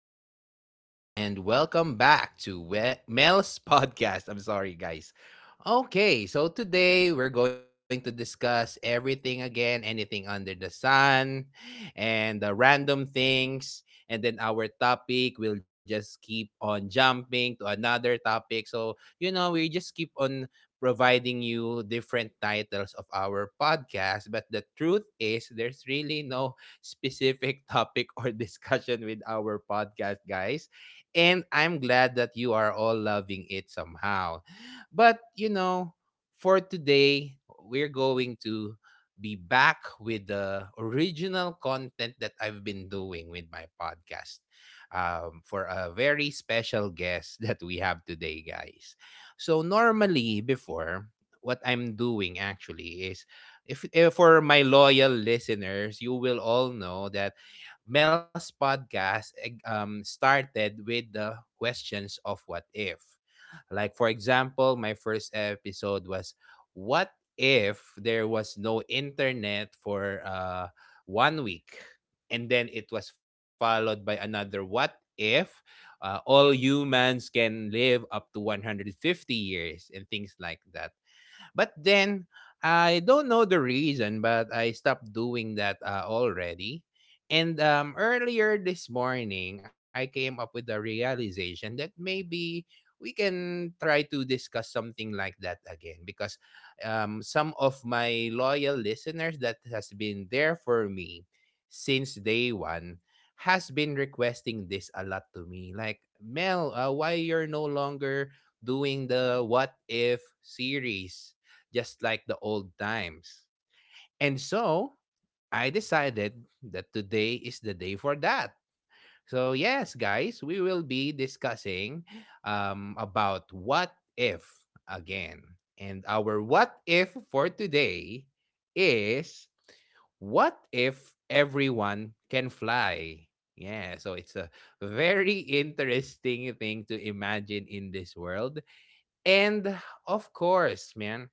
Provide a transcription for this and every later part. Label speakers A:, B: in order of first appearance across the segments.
A: is Mel again, and welcome back to Mel's podcast. I'm sorry, guys. Okay, so today we're going to discuss everything again, anything under the sun, and the random things. And then our topic will just keep on jumping to another topic. So, you know, we just keep on providing you different titles of our podcast. But the truth is, there's really no specific topic or discussion with our podcast, guys. And I'm glad that you are all loving it somehow. But, you know, for today, we're going to be back with the original content that I've been doing with my podcast for a very special guest that we have today, guys. So, normally, before, what I'm doing actually if for my loyal listeners, you will all know that Mel's podcast started with the questions of what if. Like, for example, my first episode was what if there was no internet for 1 week? And then it was followed by another what if all humans can live up to 150 years and things like that. But then I don't know the reason, but I stopped doing that already. And earlier this morning, I came up with the realization that maybe we can try to discuss something like that again because some of my loyal listeners that has been there for me since day one has been requesting this a lot to me, like, Mel, why you're no longer doing the what if series just like the old times. And so I decided that today is the day for that. So yes, guys, we will be discussing about what if again. And our what if for today is what if everyone can fly? Yeah, so it's a very interesting thing to imagine in this world. And of course, man,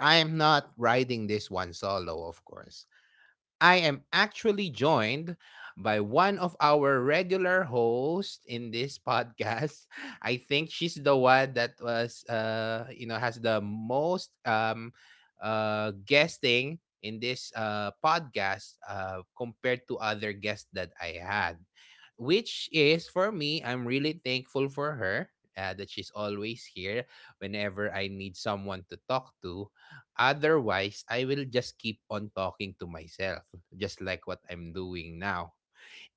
A: I am not riding this one solo, of course. I am actually joined by one of our regular hosts in this podcast. I think she's the one that was, you know, has the most guesting in this podcast compared to other guests that I had, which, is for me, I'm really thankful for her. That she's always here whenever I need someone to talk to. Otherwise, I will just keep on talking to myself, just like what I'm doing now.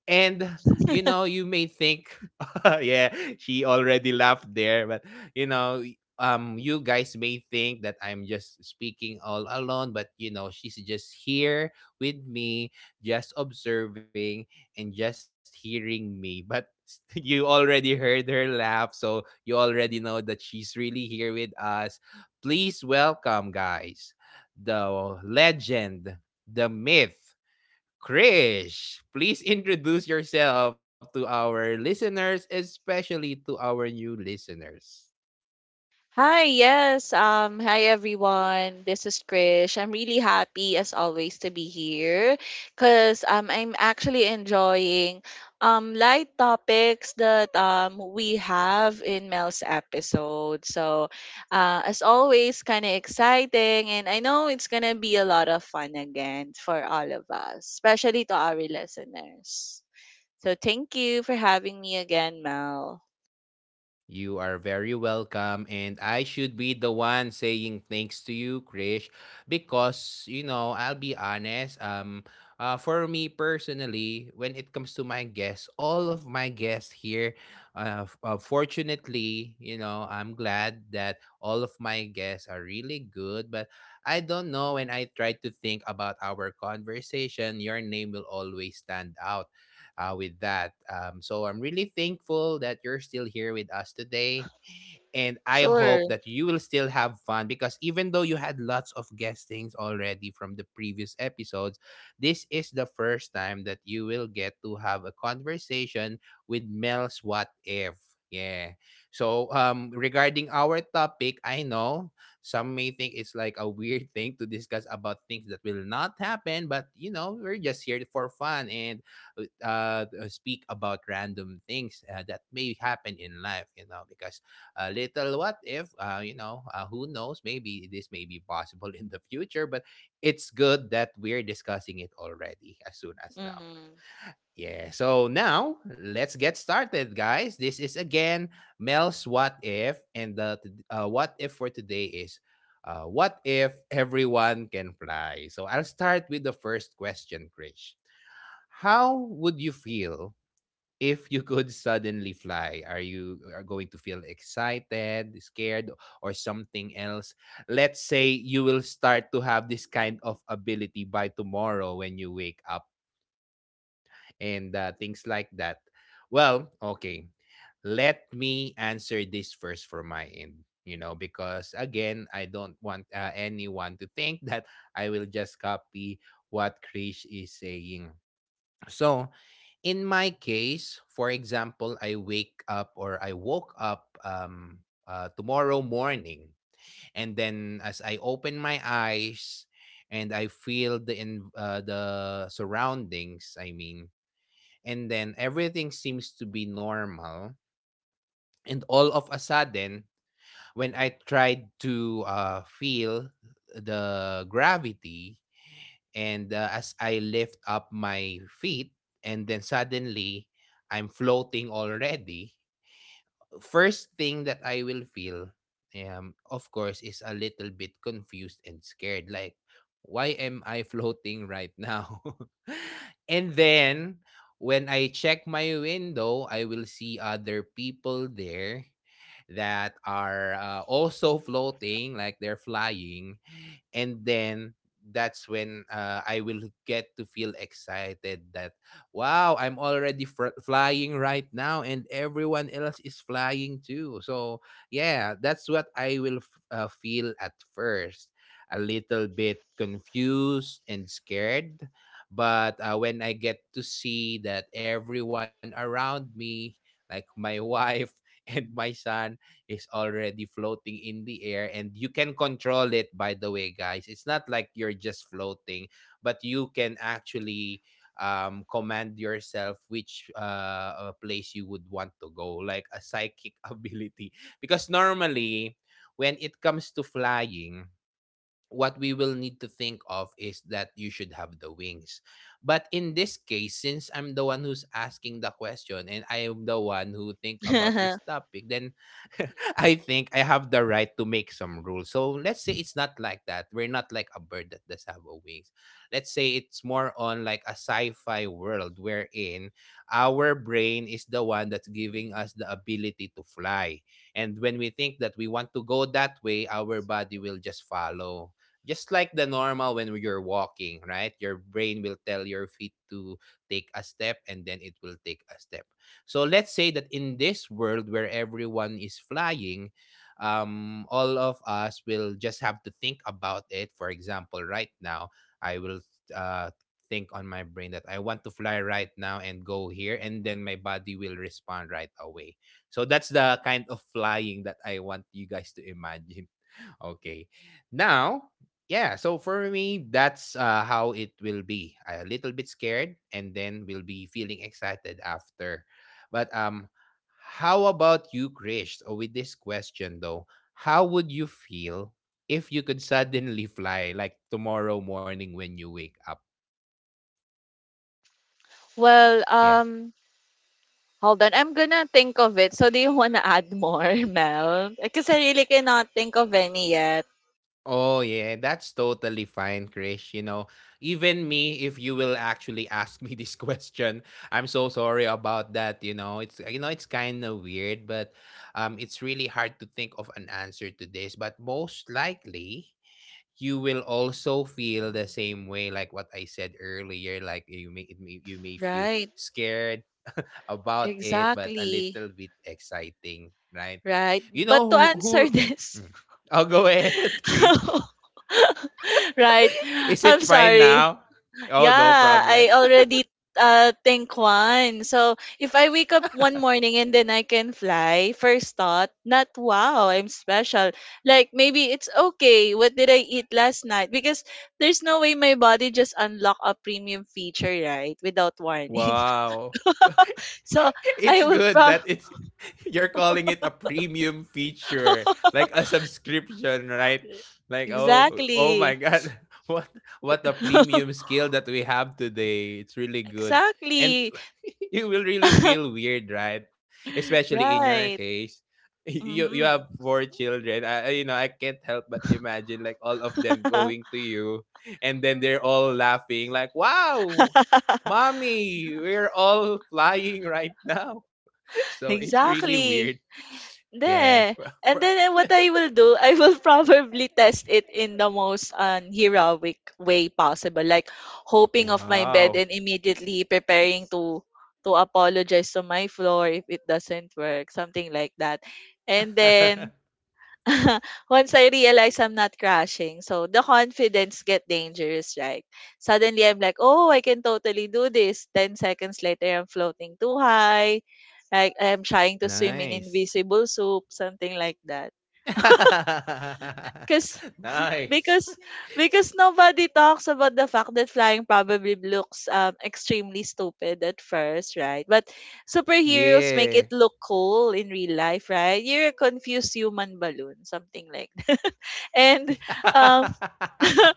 A: And you know, you may think, yeah, she already laughed there, but you know, you guys may think that I'm just speaking all alone, but you know, she's just here with me, just observing and just hearing me. But you already heard her laugh, so you already know that she's really here with us. Please welcome, guys, the legend, the myth. Krish, please introduce yourself to our listeners, especially to our new listeners.
B: Hi, yes. Hi everyone. This is Krish. I'm really happy as always to be here because I'm actually enjoying light topics that we have in Mel's episode. So as always kind of exciting, and I know it's gonna be a lot of fun again for all of us, especially to our listeners. So thank you for having me again, Mel.
A: You are very welcome, and I should be the one saying thanks to you, Krish, because you know I'll be honest. For me personally, when it comes to my guests, all of my guests here, fortunately, you know, I'm glad that all of my guests are really good. But I don't know, when I try to think about our conversation, your name will always stand out with that. So I'm really thankful that you're still here with us today. And I
B: Sure.
A: hope that you will still have fun because even though you had lots of guestings already from the previous episodes, this is the first time that you will get to have a conversation with Mel's What If. Yeah. So regarding our topic, I know some may think it's like a weird thing to discuss about things that will not happen, but you know, we're just here for fun and speak about random things that may happen in life, you know, because a little what if you know who knows, maybe this may be possible in the future, but it's good that we're discussing it already as soon as now.
B: Hmm.
A: Yeah, so now let's get started, guys. This is again Mel's What If, and the what if for today is what if everyone can fly? So I'll start with the first question, Krish. How would you feel if you could suddenly fly? Are you are going to feel excited, scared, or something else? Let's say you will start to have this kind of ability by tomorrow when you wake up and things like that. Well, okay. Let me answer this first for my end, you know, because again, I don't want anyone to think that I will just copy what Krish is saying. So, in my case, for example, I wake up, or I woke up tomorrow morning, and then as I open my eyes and I feel the surroundings, I mean, and then everything seems to be normal, and all of a sudden, when I tried to feel the gravity and as I lift up my feet and then suddenly I'm floating already, first thing that I will feel, um, of course, is a little bit confused and scared, like, why am I floating right now? And then when I check my window, I will see other people there that are also floating, like they're flying. And then that's when I will get to feel excited that, wow, I'm already flying right now, and everyone else is flying too. So, yeah, that's what I will feel at first, a little bit confused and scared. But when I get to see that everyone around me, like my wife and my son, is already floating in the air. And you can control it, by the way, guys. It's not like you're just floating, but you can actually command yourself which place you would want to go, like a psychic ability, because normally when it comes to flying, what we will need to think of is that you should have the wings. But in this case, since I'm the one who's asking the question and I am the one who think about this topic, then I think I have the right to make some rules. So let's say it's not like that. We're not like a bird that does have a wings. Let's say it's more on like a sci-fi world wherein our brain is the one that's giving us the ability to fly. And when we think that we want to go that way, our body will just follow, just like the normal when you're walking, right? Your brain will tell your feet to take a step and then it will take a step. So let's say that in this world where everyone is flying, all of us will just have to think about it. For example, right now, I will uh, think on my brain that I want to fly right now and go here, and then my body will respond right away. So that's the kind of flying that I want you guys to imagine. Okay. Now, yeah, so for me, that's how it will be. A little bit scared and then we'll be feeling excited after. But how about you, Krish? Oh, with this question though, how would you feel if you could suddenly fly like tomorrow morning when you wake up?
B: Well,
A: Yeah.
B: hold on. I'm gonna think of it. So do you wanna add more, Mel? Because I really cannot think of any yet.
A: Oh yeah, that's totally fine, Krish. You know, even me, if you will actually ask me this question, I'm so sorry about that. You know, it's, you know, it's kind of weird, but it's really hard to think of an answer to this. But most likely, you will also feel the same way, like what I said earlier. Like, you may, it may you may feel
B: Right.
A: scared about it, but a
B: Exactly.
A: little bit exciting, right?
B: Right.
A: You know
B: But to
A: who? Who?
B: answer this,
A: Mm. Oh, go ahead, Krish.
B: right.
A: Is
B: I'm
A: it fine
B: sorry.
A: now? Oh, no
B: Yeah, I
A: problem.
B: already think one. So if I wake up one morning and then I can fly, first thought, not wow, I'm special. Like maybe it's okay. What did I eat last night? Because there's no way my body just unlock a premium feature, right? Without warning.
A: Wow.
B: So
A: It's
B: I will
A: good that
B: probably
A: it's you're calling it a premium feature, like a subscription, right? Like, oh my
B: exactly.
A: god, what what a premium skill that we have today. It's really good. And
B: Exactly.
A: you will really feel weird, right? Especially in your
B: right.
A: case. You have
B: Mm-hmm.
A: 4 children. You know, I can't help but imagine like all of them going to you and then they're all laughing, like, wow, Mommy, we're all flying right now. So it's really weird.
B: exactly.
A: Yeah.
B: There.
A: For-
B: And then what I will do, I will probably test it in the most heroic way possible, like hoping off my bed
A: Wow.
B: and immediately preparing to apologize to my floor if it doesn't work, something like that. And then once I realize I'm not crashing, so the confidence get dangerous, right? Suddenly I'm like, oh, I can totally do this. 10 seconds later, I'm floating too high, like I'm trying to swim in
A: Nice.
B: invisible soup, something like that. Cause
A: Nice.
B: because because nobody talks about the fact that flying probably looks extremely stupid at first, right? But
A: Yeah.
B: superheroes make it look cool in real life, right? You're a confused human balloon, something like and um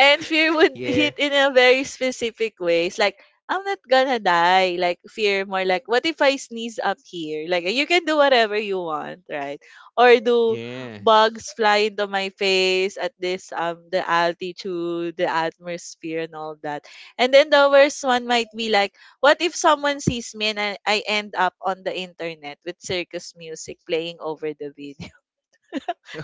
B: and fear would
A: Yeah.
B: hit in a very specific ways like I'm not gonna die, like fear more like, what if I sneeze up here? Like you can do whatever you want, right? Or do
A: Yeah.
B: bugs fly into my face at this the altitude, the atmosphere, and all that? And then the worst one might be like, what if someone sees me and I end up on the internet with circus music playing over the video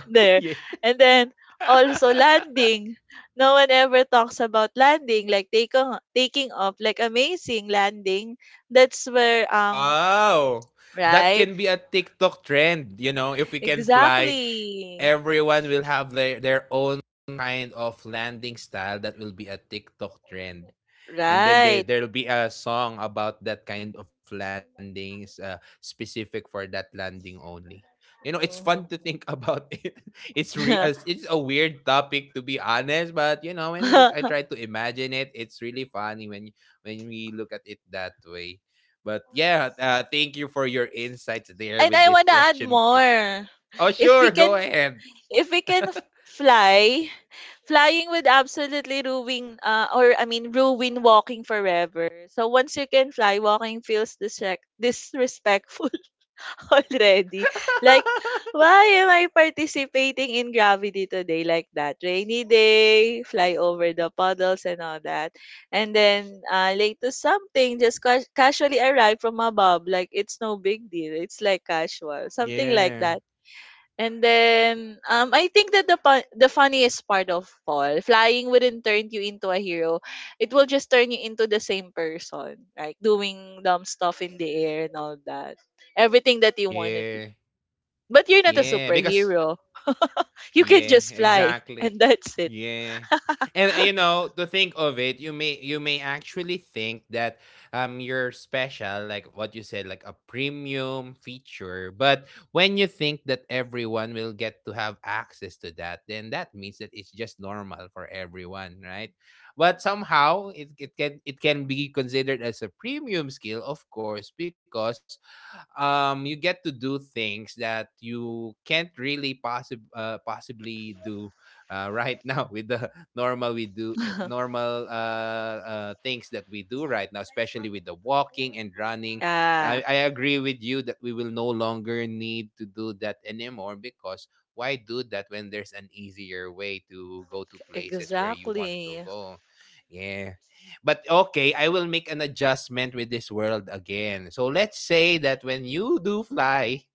B: there.
A: Yeah.
B: And then also landing. No one ever talks about landing, like take on, taking off, like amazing landing. That's where
A: Wow! That
B: right
A: can be a TikTok trend, you know, if we can fly,
B: exactly
A: everyone will have their own kind of landing style that will be a TikTok trend. And then
B: right.
A: there'll be a song about that kind of landings specific for that landing only. You know, it's fun to
B: Mhm.
A: think about it. It's a weird topic to be honest, but you know, when
B: and
A: I try to imagine it, it's really funny when we look at it that way. But yeah, thank you for your insights there with
B: I
A: this
B: wanna add
A: question, Chris.
B: more.
A: Oh,
B: If
A: sure,
B: we
A: go
B: can,
A: ahead.
B: if we can f- fly, flying would absolutely ruin, or I mean, ruin walking forever. So once you can fly, walking feels disrespectful already. Like, why am I participating in gravity today like that? Rainy day, fly over the puddles and all that. And then late to something, just casually arrive from above. Like, it's no big deal. It's like casual. Something like
A: yeah
B: that. And then I think that the funniest part of all, flying wouldn't turn you into a hero. It will just turn you into the same person, like doing dumb stuff in the air and all that. Everything that you want to
A: yeah
B: do. But you're not a
A: yeah. Because
B: superhero. You can
A: Yeah,
B: just fly
A: exactly.
B: and that's it.
A: Yeah. And you know, to think of it, you may actually think that you're special, like what you said, like a premium feature. But when you think that everyone will get to have access to that, then that means that it's just normal for everyone, right? But somehow it can be considered as a premium skill, of course, because you get to do things that you can't really possibly do right now with the normal we do normal things that we do right now, especially with the walking and running.
B: Yeah.
A: I agree with you that we will no longer need to do that anymore, because why do that when there's an easier way to go to places where you
B: Exactly.
A: want to go? Yeah. But okay, I will make an adjustment with this world again. So let's say that when you do fly,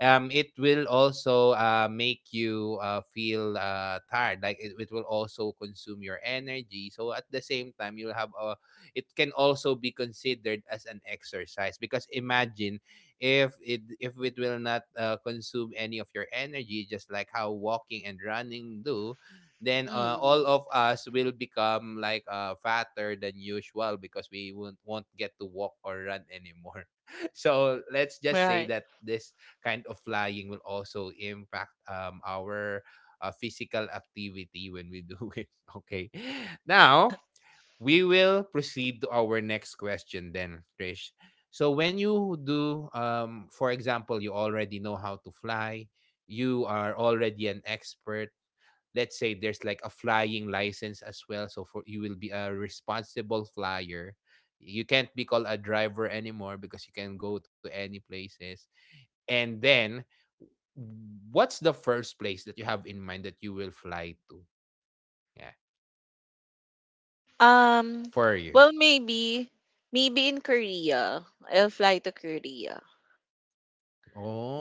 A: it will also make you feel tired. Like it will also consume your energy. So at the same time, you'll have a. It can also be considered as an exercise, because imagine if it will not consume any of your energy, just like how walking and running do, then all
B: Mm,
A: of us will become like fatter than usual because we won't get to walk or run anymore. So let's just say
B: right.
A: that this kind of flying will also impact our physical activity when we do it. Okay. Now, we will proceed to our next question then, Trish. So when you do, for example, you already know how to fly, you are already an expert. Let's say there's like a flying license as well, so for you will be a responsible flyer. You can't be called a driver anymore because you can go to any places. And then, what's the first place that you have in mind that you will fly to? Yeah,
B: Um
A: for you.
B: well maybe in Korea. I'll fly to Korea.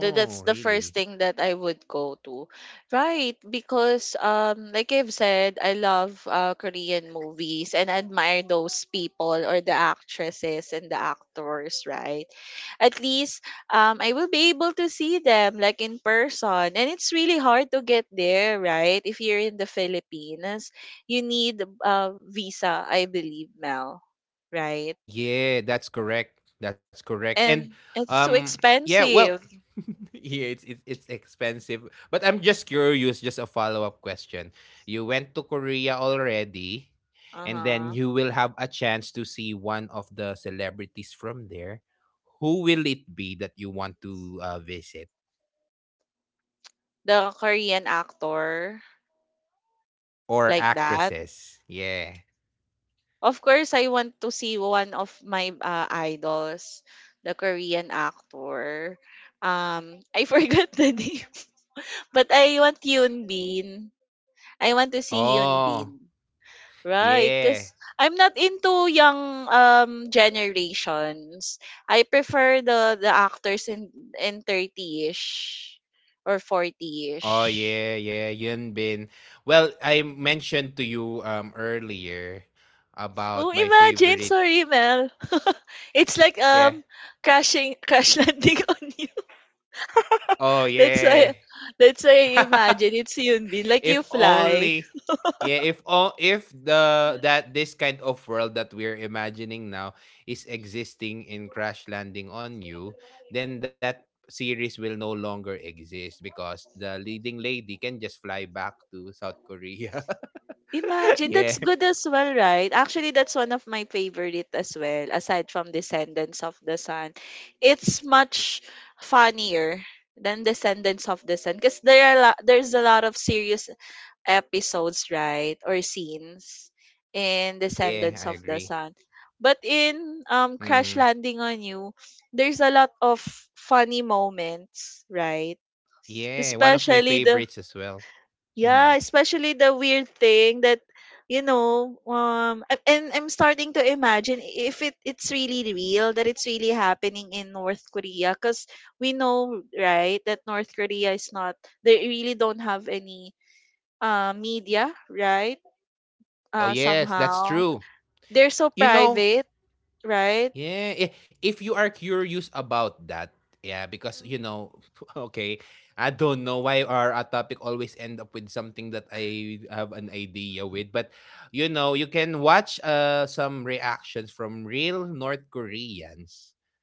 B: That's the first
A: really?
B: thing that I would go to. Right, because like I've said, I love Korean movies and admire those people or the actresses and the actors, right? At least I will be able to see them like in person. And it's really hard to get there, right? If you're in the Philippines, you need a visa, I believe now, right?
A: Yeah, that's correct. That's correct. And
B: And it's so
A: um yeah, well,
B: expensive.
A: yeah, it's it's expensive. But I'm just curious, just a follow-up question. You went to Korea already, and then
B: Uh-huh.
A: you will have a chance to see one of the celebrities from there. Who will it be that you want to visit,
B: The Korean actor
A: or
B: like that.
A: actresses? Yeah.
B: Of course, I want to see one of my idols, the Korean actor. I forgot the name, but I want Yoon Bin. I want to see Yoon
A: Oh,
B: Bin. Right,
A: yeah.
B: because I'm not into young generations. I prefer the actors in 30ish or
A: Oh
B: 40ish.
A: yeah, yeah, Yun Bin. Well, I mentioned to you earlier
B: Oh,
A: about my
B: imagine,
A: favorite.
B: sorry, Mel. It's like
A: Yeah.
B: crashing crash landing on you.
A: Oh
B: That's why
A: yeah.
B: that's why I imagine it's Yunbin. Like you
A: If
B: fly.
A: only. Yeah, if all if the that this kind of world that we're imagining now is existing in Crash Landing on You, then that series will no longer exist because the leading lady can just fly back to South Korea.
B: Imagine that's
A: Yeah.
B: good as well, right? Actually, that's one of my favorite as well, aside from Descendants of the Sun. It's much funnier than Descendants of the Sun because there's a lot of serious episodes, right, or scenes in
A: Yeah, I
B: Descendants of the
A: agree.
B: Sun. But in Crash
A: Mm.
B: Landing on You, there's a lot of funny moments, right?
A: Yeah, one of my
B: Especially the
A: favorites as well.
B: yeah,
A: Mhm.
B: especially the weird thing that and I'm starting to imagine if it's really real that it's really happening in North Korea, cuz we know, right, that North Korea is not, they really don't have any media, right?
A: Oh, yes, that's
B: Somehow.
A: true.
B: They're so
A: You know,
B: private, right?
A: yeah, if you are curious about that, yeah, because you
B: Mhm.
A: know, okay, I don't know why our a topic always end up with something that I have an idea with, but you know, you can watch some reactions from real North Koreans,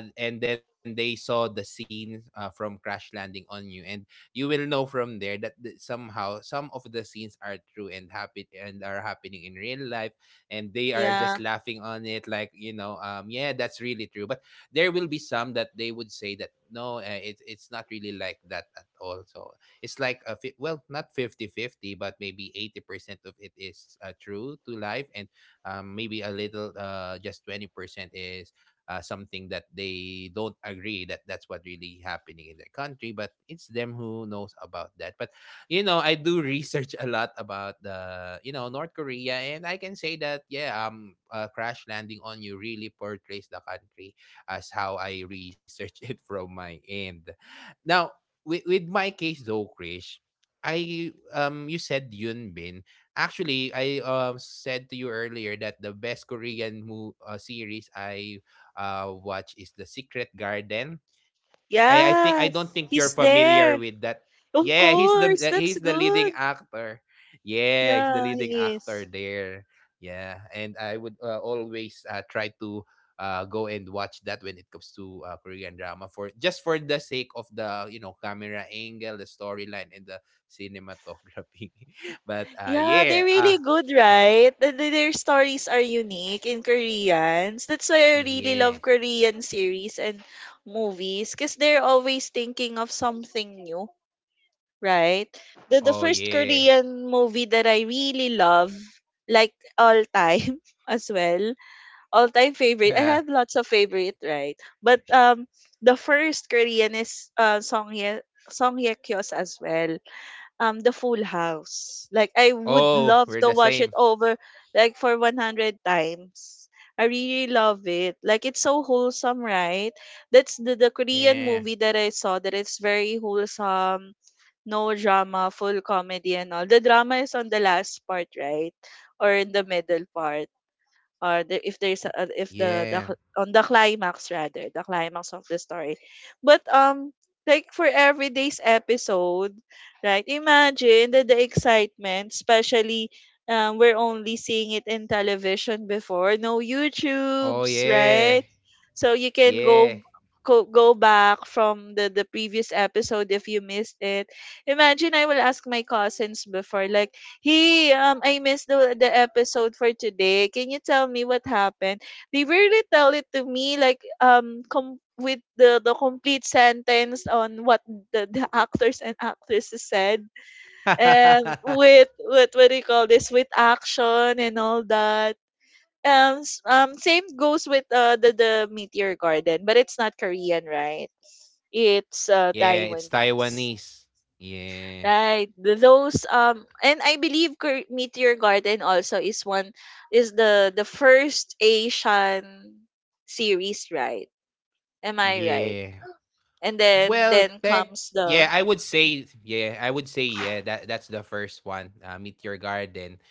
A: and then they saw the scene from Crash Landing on You, and you will know from there that somehow some of the scenes are true and happy and are happening in real life, and they are just
B: Yeah.
A: laughing on it, like you know, yeah, that's really true. But there will be some that they would say that no, it's not really like that at all. So it's like a well, not 50 50, but maybe 80% of it is true to life, and maybe a little, just 20% is something that they don't agree that that's what really happening in their country, but it's them who knows about that. But you know, I do research a lot about the you know North Korea, and I can say that yeah, Crash Landing on You really portrays the country as how I research it from my end. Now, with my case though, Krish, I you said Yun Bin. Actually, I said to you earlier that the best Korean series I watch is The Secret Garden. I don't think
B: Yes.
A: you're
B: He's
A: familiar with
B: there.
A: that.
B: Of
A: Yeah,
B: course.
A: he's
B: That's
A: the leading
B: good.
A: actor. Yeah, he's the
B: Yeah,
A: leading
B: he
A: actor
B: is.
A: there. Yeah, and I would always try to go and watch that when it comes to Korean drama for just for the sake of the you know camera angle, the storyline, and the cinematography. But
B: Yeah, they're really good, right? Their stories are unique in Koreans. That's why I really love
A: yeah,
B: Korean series and movies, because they're always thinking of something new, right? The
A: oh
B: first
A: yeah,
B: Korean movie that I really love, like all time as well, all time favorite. I have lots of favorite, right? But the first Korean is Song Hye Kyo's as well. The Full House. Like I would love
A: oh
B: to
A: we're the
B: watch it
A: same.
B: over like for 100 times. I really love it. Like it's so wholesome, right? The Korean
A: Yeah.
B: movie that I saw that is very wholesome, no drama, full comedy and all. The drama is on the last part, right? Or in the middle part or the, if there's a, if the cl-
A: Yeah.
B: on the climax rather the climax of the story, but like for every day's episode, right? Imagine the excitement, especially we're only seeing it in television before, no
A: Oh,
B: youtubes, right?
A: yeah.
B: So you can go
A: Yeah.
B: go back from the previous episode if you missed it. Imagine I will ask my cousins before like, hey, I missed the episode for today. Can you tell me what happened? They rarely tell it to me, like with the complete sentence on what the actors and actresses said, and with what do you call this? With action and all that. Same goes with the Meteor Garden, but it's not Korean, right? It's
A: Yeah, it's
B: Taiwanese.
A: Taiwanese. Yeah.
B: Right. Those
A: Uh,
B: and I believe Meteor Garden also is one is the first Asian series, right? Am I right?
A: yeah.
B: And
A: Well,
B: then
A: tech.
B: comes
A: Yeah,
B: the
A: I would say yeah, I would say yeah. That that's the first one. Meteor Garden.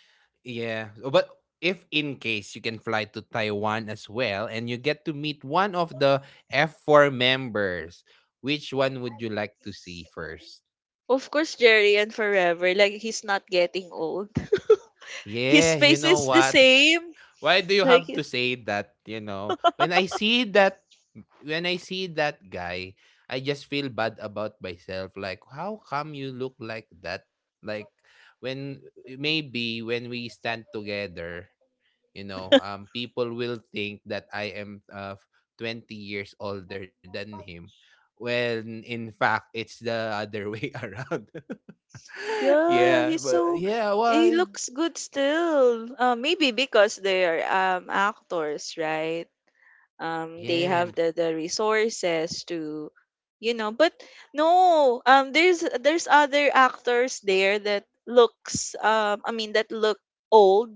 A: Yeah, oh, but if in case you can fly to Taiwan as well, and you get to meet one of the F4 members, which one would you like to see first?
B: of course Jerry and Forever. Like he's not getting old. His
A: Yeah, you
B: face
A: know
B: is the
A: what?
B: same.
A: Why do you
B: Like
A: have to say that, you know? When I see that when I see that guy, I just feel bad about myself. Like, how come you look like that? Like, when maybe when we stand together, you know, people will think that I am 20 years older than him. When in fact, it's the other way around.
B: yeah,
A: Yeah,
B: he's
A: but
B: so
A: yeah,
B: he
A: why?
B: looks good still. Maybe because they are actors, right? They
A: Yeah,
B: have the resources to you know but no there's other actors there that looks that look old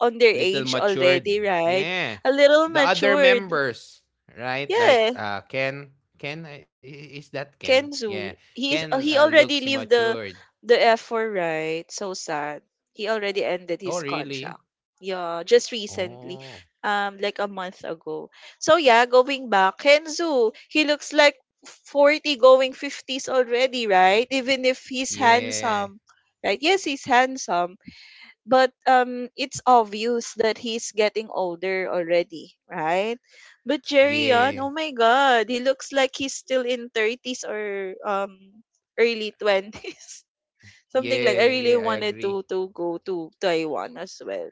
B: on their
A: a little
B: age
A: matured.
B: already, right?
A: Yeah.
B: A little
A: The other
B: matured.
A: members, right? Like
B: Yeah,
A: Ken, is that Ken? Yeah.
B: Kenzo, he's
A: Ken
B: he
A: Looks
B: already leave
A: matured.
B: the F4, right? So sad. He already ended
A: Oh,
B: his
A: really?
B: contract. Yeah, just recently.
A: Oh.
B: Like a month ago. So yeah, going back, Kenzo, he looks like 40 going 50s already, right? Even if he's
A: Yeah.
B: handsome. Right? Yes, he's handsome but it's obvious that he's getting older already, right? But Jerry
A: Yeah.
B: on, oh my god, he looks like he's still in 30s or early 20s. Something like,
A: Yeah,
B: I
A: yeah,
B: really
A: I
B: wanted
A: agree.
B: to go to Taiwan as well,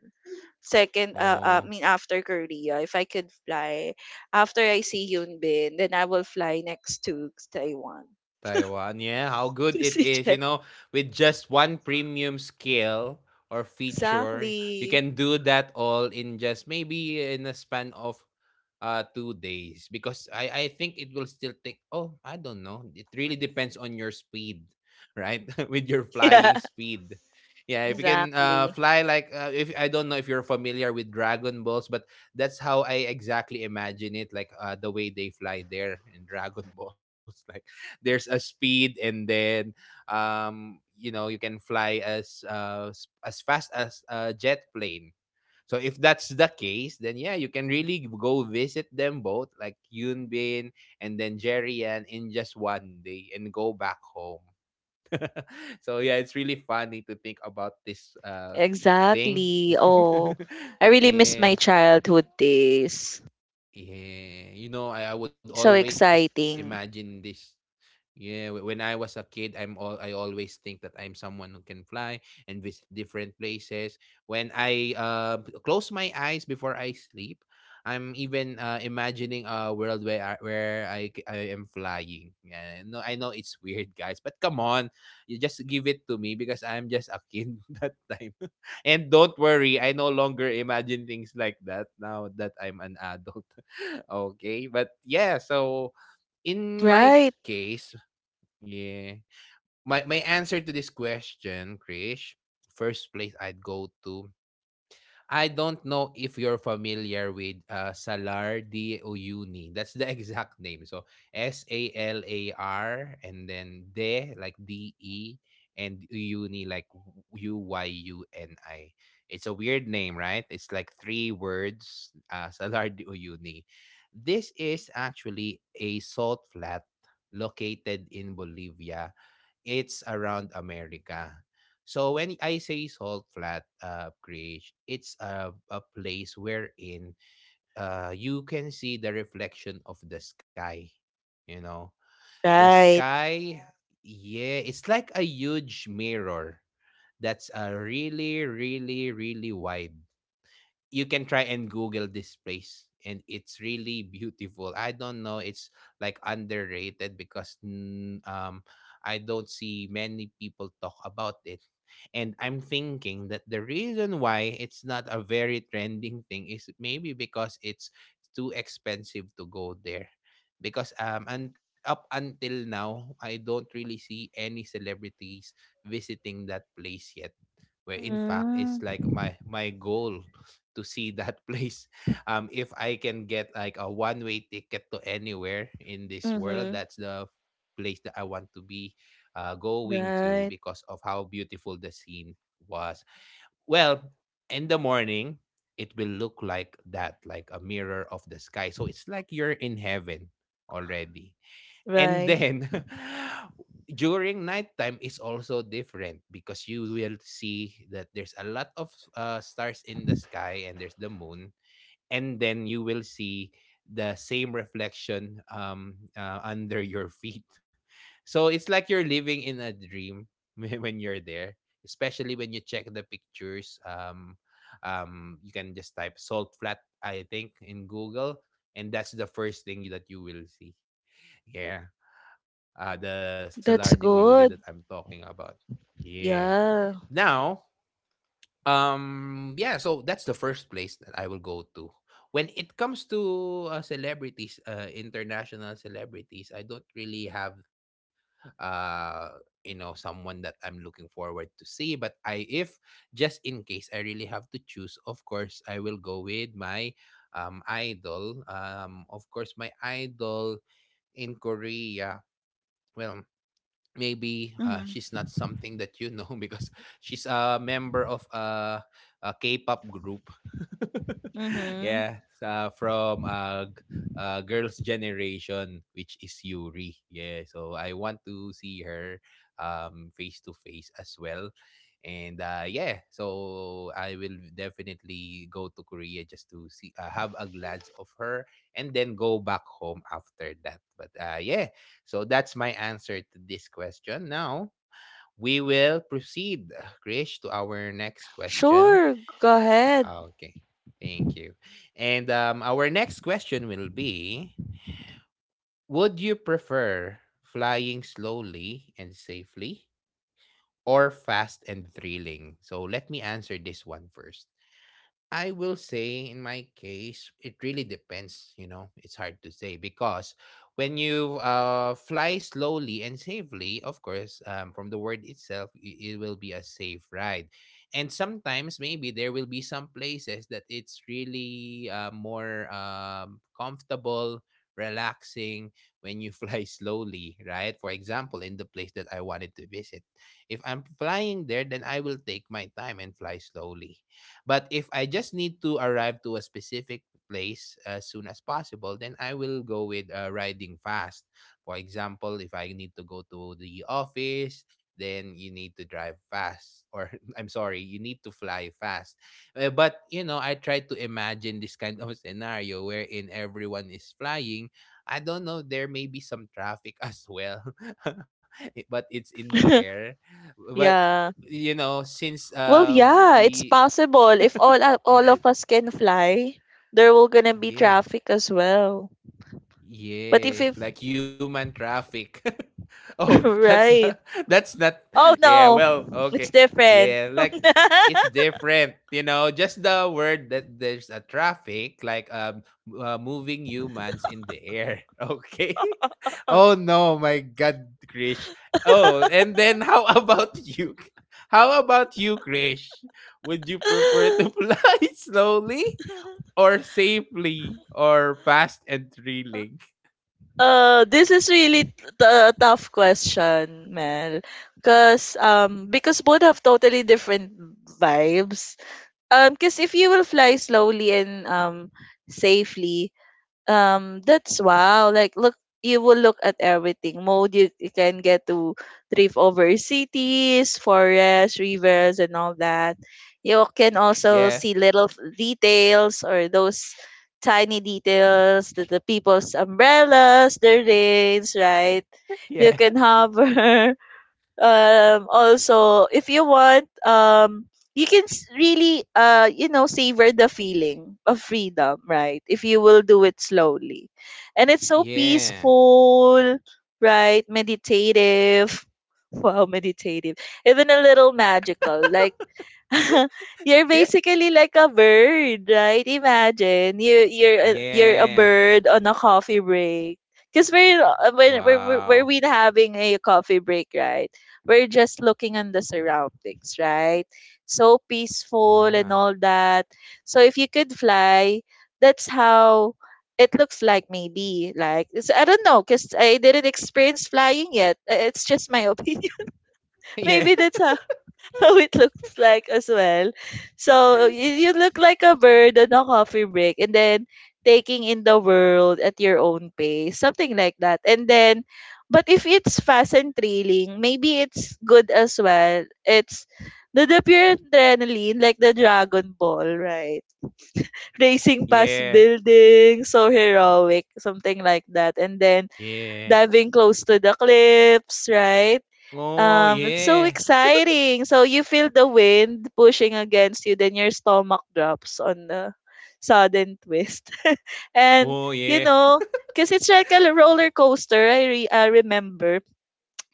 B: second
A: Oh,
B: after Korea. If I could fly, after I see Hyun Bin, then I will fly next to Taiwan.
A: Taiwan. Yeah, how good
B: To
A: it
B: see
A: is, you
B: Jet.
A: know, with just one premium skill or feature, you
B: Exactly.
A: can do that all in just maybe in a span of 2 days, because I think it will still take oh I don't know, it really depends on your speed, right? With your
B: Yeah.
A: flying speed. Yeah, if you can
B: Exactly.
A: fly like if I don't know if you're familiar with Dragon Balls, but that's how I exactly imagine it, like the way they fly there in Dragon Balls like there's a speed, and then you know you can fly as as fast as a jet plane. So if that's the case, then yeah, you can really go visit them both, like Yunbin and then Jerry, Jerian, in just one day and go back home. So yeah, it's really funny to think about this thing.
B: Exactly. Oh, I really miss my
A: Yeah,
B: childhood days.
A: yeah. You know, I would
B: So
A: always imagine
B: exciting.
A: this. Yeah, when I was a kid, I always think that I'm someone who can fly and visit different places. When I close my eyes before I sleep, I'm even imagining a world where I am flying. Yeah, no, I know it's weird, guys, but come on, you just give it to me because I'm just a kid that time. And don't worry, I no longer imagine things like that now that I'm an adult. Okay, but yeah, so in my
B: Right,
A: case, yeah. My answer to this question, Krish, first place I'd go to. I don't know if you're familiar with Salar de Uyuni. That's the exact name. So SALAR, and then de like DE, and Uyuni like UYUNI. It's a weird name, right? It's like three words. Salar de Uyuni. This is actually a salt flat located in Bolivia. It's around America. So when I say salt flat creation, it's a place wherein you can see the reflection of the sky. You know, the
B: right.
A: sky, yeah, yeah, it's like a huge mirror that's really, really, really wide. You can try and Google this place, and it's really beautiful. I don't know, it's like underrated because I don't see many people talk about it. And I'm thinking that the reason why it's not a very trending thing is maybe because it's too expensive to go there. Because and up until now, I don't really see any celebrities visiting that place yet where in fact
B: Mm,
A: it's like my goal to see that place. If I can get like a one way ticket to anywhere in this
B: mm-hmm.
A: world, that's the place that I want to be going to
B: Right,
A: because of how beautiful the scene was. Well, in the morning it will look like that, like a mirror of the sky, so it's like you're in heaven already. And
B: right.
A: then during nighttime is also different because you will see that there's a lot of stars in the sky and there's the moon, and then you will see the same reflection under your feet. So it's like you're living in a dream when you're there, especially when you check the pictures. You can just type salt flat I think in google and that's the first thing that you will see. Yeah, the Salar de
B: That's
A: Uyuni that I'm
B: good.
A: talking about. Yeah.
B: Yeah.
A: Now, yeah, so that's the first place that I will go to. When it comes to celebrities, international celebrities, I don't really have, uh, someone that I'm looking forward to see. But I, if just in case I really have to choose, of course, I will go with my idol. Of course, my idol in Korea. Well, maybe she's
B: Mm-hmm.
A: not something that you know because she's a member of a K-pop group.
B: Mm-hmm.
A: Yeah, from Girls' Generation, which is Yuri. Yeah, so I want to see her face to face as well. And yeah, so I will definitely go to Korea just to see, have a glance of her, and then go back home after that. But yeah, so that's my answer to this question. Now we will proceed, Krish, to our next question.
B: Sure, go ahead.
A: Ah, okay, thank you. And our next question will be, would you prefer flying slowly and safely or fast and thrilling? So let me answer this one first. I will say in my case, it really depends. You know, it's hard to say because when you fly slowly and safely, of course, from the word itself, it will be a safe ride. And sometimes maybe there will be some places that it's really more comfortable, relaxing when you fly slowly, right? For example, in the place that I wanted to visit. If I'm flying there, then I will take my time and fly slowly, but if I just need to arrive to a specific place as soon as possible, then I will go with riding fast. For example, if I need to go to the office, then you need to drive fast or I'm sorry, you need to fly fast. But you know, I try to imagine this kind of scenario wherein everyone is flying. I don't know, there may be some traffic as well, but it's in the air. But
B: Yeah.
A: you know, since
B: Well, yeah, it's
A: the.
B: possible. If all all of us can fly, there will gonna be
A: Yeah.
B: traffic as well. But if
A: Yeah. Like human traffic. Oh, that's not,
B: right,
A: that's not.
B: oh
A: Yeah,
B: no,
A: well, okay.
B: it's different.
A: Yeah, like it's different, just the word that there's a traffic like moving humans in the air. Okay? Oh no, my god, Krish. Oh, and then how about you? How about you, Krish? Would you prefer to fly slowly or safely or fast and thrilling?
B: This is really a tough question, Mel. Cause Because both have totally different vibes. Cause if you will fly slowly and safely, that's wow like look you will look at everything mode you can get to drift over cities, forests, rivers, and all that. You can also see
A: Yeah.
B: little details, or those tiny details, the people's umbrellas, their rains, right? You
A: Yeah.
B: can hover also if you want you can really you know savor the feeling of freedom, right? If you will do it slowly, and it's so
A: Yeah.
B: peaceful, right? Meditative. Wow, meditative, even a little magical, like you're
A: Yeah.
B: basically like a bird, right? Imagine you're you're a
A: Yeah.
B: bird on a coffee break. Cause we're when we're
A: Wow.
B: we having a coffee break, right? We're just looking on the surroundings, right? So peaceful and all
A: Yeah.
B: that. So if you could fly, that's how it looks like. Maybe like it's, I don't know, cause I didn't experience flying yet. It's just my opinion. Maybe
A: Yeah.
B: that's how how it looks like as well. So you look like a bird on a coffee break and then taking in the world at your own pace, something like that. But if it's fast and thrilling, maybe it's good as well. It's the pure adrenaline, like the Dragon Ball, right? Racing past
A: Yeah.
B: buildings, so heroic, something like that. And then
A: Yeah.
B: diving close to the cliffs, right?
A: Oh
B: It's so
A: yeah.
B: exciting. So you feel the wind pushing against you, then your stomach drops on the sudden twist. And
A: Oh
B: you
A: yeah.
B: know, because it's like a roller coaster. I remember.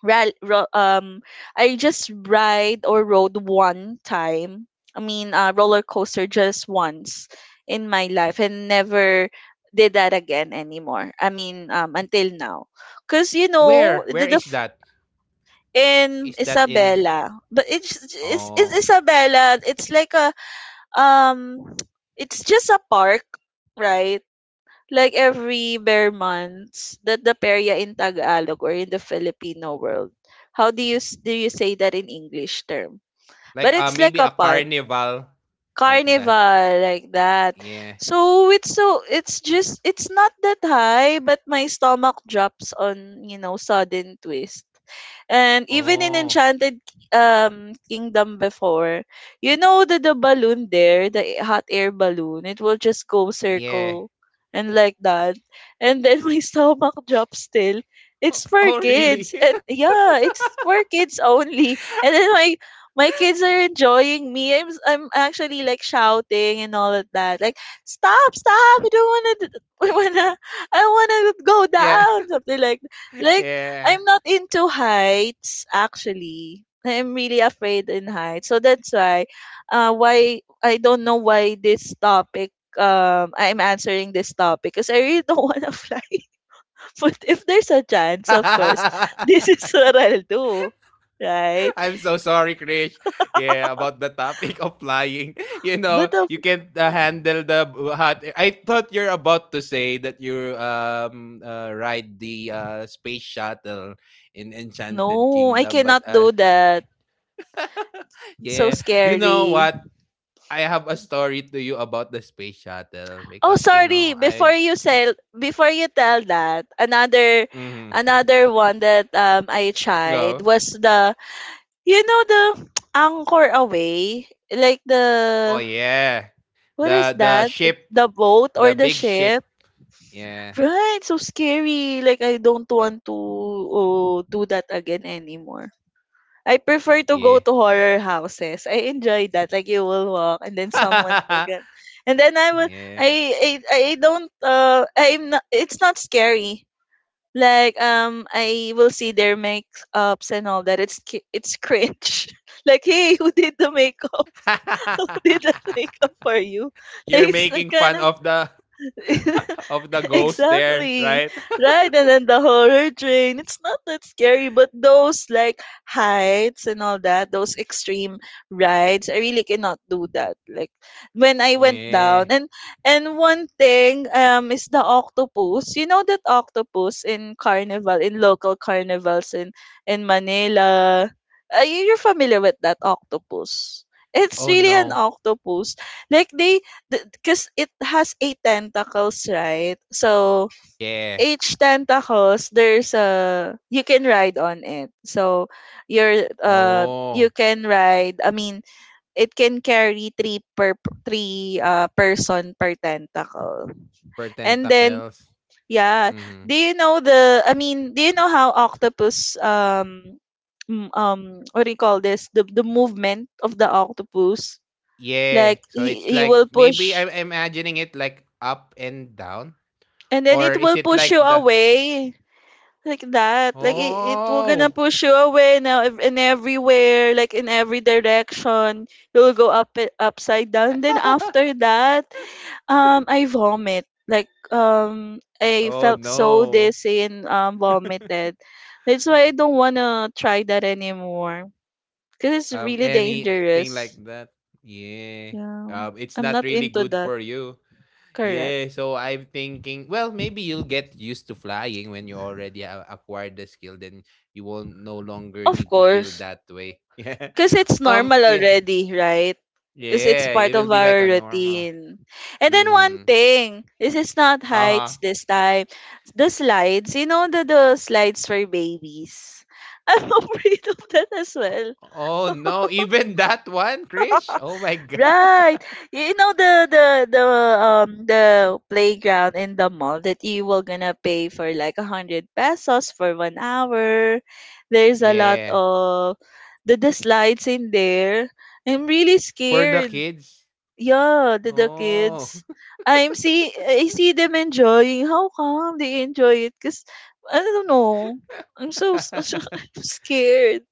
B: Ra- ro- um, I just ride or rode one time. I mean, roller coaster just once in my life, and never did that again anymore. I mean, until now, because you know
A: Where?
B: the,
A: Where
B: the
A: is that?
B: in
A: Is that in.
B: Isabela. But it's in
A: Oh.
B: Isabela, it's like a um it's just a park, right? Like every bare months that the perya in Tagalog or in the Filipino world. How do you say that in English term? But
A: Like
B: it's
A: uh,
B: like a
A: maybe a
B: park,
A: carnival like that.
B: carnival like that.
A: Yeah.
B: It's not that high, but my stomach drops on sudden twist. And even in
A: Oh.
B: enchanted kingdom before, you know the balloon there, the hot air balloon, it will just go circle
A: Yeah.
B: and like that, and then my stomach drops still. It's for
A: Oh, really?
B: kids, and yeah, it's for kids only. And then my kids are enjoying me. I'm actually like shouting and all of that. Like, stop, stop! I don't wanna, I wanna go
A: Yeah.
B: down. Something like, like I'm
A: Yeah.
B: not into heights actually. I'm really afraid in heights, so that's why I don't know why this topic. I'm answering this topic because I really don't want to fly. But if there's a chance, of course, this is what I'll do,
A: I'm
B: right?
A: so sorry, Krish. Yeah, about the topic of flying. You know,
B: But of
A: you can't handle the b- hot air. I thought you're about to say that you ride the space shuttle in Enchanted
B: No, I
A: Kingdom, but
B: cannot
A: uh,
B: do that. So
A: yeah, you know
B: scary.
A: what? I have a story to you about the space shuttle
B: Oh,
A: because you
B: sorry.
A: know I.
B: Before you tell that, another,
A: Mm,
B: another one that I tried
A: go.
B: was the, you know the anchor away, like the
A: Oh yeah,
B: what is
A: the
B: that?
A: the
B: The
A: ship,
B: boat or
A: the
B: the
A: big
B: ship?
A: ship. Yeah,
B: Right. So scary. Like I don't want to do that again anymore. I prefer to go
A: yeah.
B: to horror houses. I enjoy that. Like you will walk and then someone will get, and then I will I
A: Yeah.
B: I don't I'm not it's not scary. Like I will see their makeups and all that. It's cringe. Like, hey, who did the makeup? Who did the makeup for you? Like,
A: You're
B: it's
A: making
B: kind
A: fun of the
B: of
A: of the ghost there,
B: exactly.
A: right?
B: Right. And then the horror train. It's not that scary, but those like heights and all that, those extreme rides, I really cannot do that. Like when I
A: Oh
B: went down,
A: yeah.
B: and one thing is the octopus. You know that octopus in carnival, in local carnivals in Manila. You're familiar with that octopus. It's
A: Oh
B: really an
A: no.
B: octopus. Like they, because it has eight tentacles, right? So
A: Yeah.
B: each tentacles, there's a you can ride on it. So
A: Oh,
B: you can ride. I mean, it can carry three person per tentacle,
A: per
B: and then
A: tentacles.
B: yeah.
A: Mm-hmm.
B: Do you know the? I mean, do you know how octopus what do you call this? The movement of the octopus.
A: Yeah.
B: Like
A: So
B: he
A: it's
B: he
A: like
B: will
A: maybe
B: push.
A: I'm imagining it like up and down,
B: And then
A: or
B: it
A: is
B: will
A: it
B: push you
A: like the.
B: away like that. Like it will gonna
A: Oh?
B: push you away now in everywhere, like in every direction. You'll go up, it upside down. Then after that, I vomit. Like I
A: Oh
B: felt so
A: no.
B: dizzy and vomited. That's why I don't wanna try that anymore. Cause it's really
A: Anything like
B: dangerous.
A: that? Yeah.
B: Yeah,
A: It's
B: I'm
A: not
B: not
A: really
B: into
A: good
B: that.
A: for you.
B: Correct.
A: Yeah, so I'm thinking, well, maybe you'll get used to flying when you already have acquired the skill, then you won't no longer
B: Of
A: need to feel
B: course.
A: that way. Yeah.
B: Because it's normal
A: Yeah.
B: already, right? Because it's
A: Yeah,
B: part
A: it
B: of
A: will be like
B: our
A: a normal.
B: routine. And then one
A: Mm-hmm.
B: thing, this is not heights
A: Uh-huh.
B: this time. The slides, you know the slides for babies. I'm afraid of that as well.
A: Oh no, even that one, Krish? Oh my god.
B: Right. You know the playground in the mall that you will gonna pay for like 100 pesos for 1 hour. There's a lot
A: Yeah.
B: of the slides in there. I'm really
A: For the
B: scared.
A: kids.
B: Yeah, the
A: Oh.
B: kids. I see them enjoying. How come they enjoy it? Cause I don't know. I'm so, so, so I'm scared.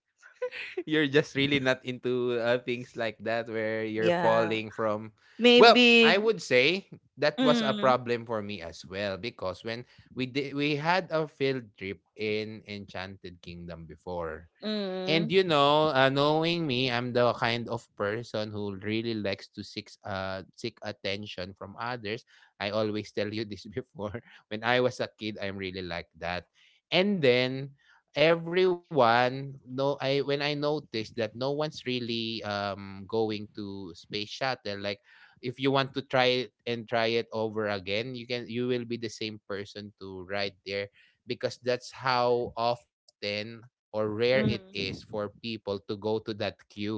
A: You're just really not into things like that where you're
B: Yeah.
A: falling from. Well, I
B: Maybe.
A: would say that was a
B: Mm,
A: problem for me as well because when we had a field trip in enchanted kingdom before. And
B: mm,
A: you know, knowing me, I'm the kind of person who really likes to seek seek attention from others. I always tell you this before. When I was a kid, I'm really like that. And then everyone no I when I noticed that no one's really going to space shuttle, like if you want to try it and try it over again, you can, you will be the same person to ride there because that's how often or rare it is for
B: mm,
A: people to go to that queue.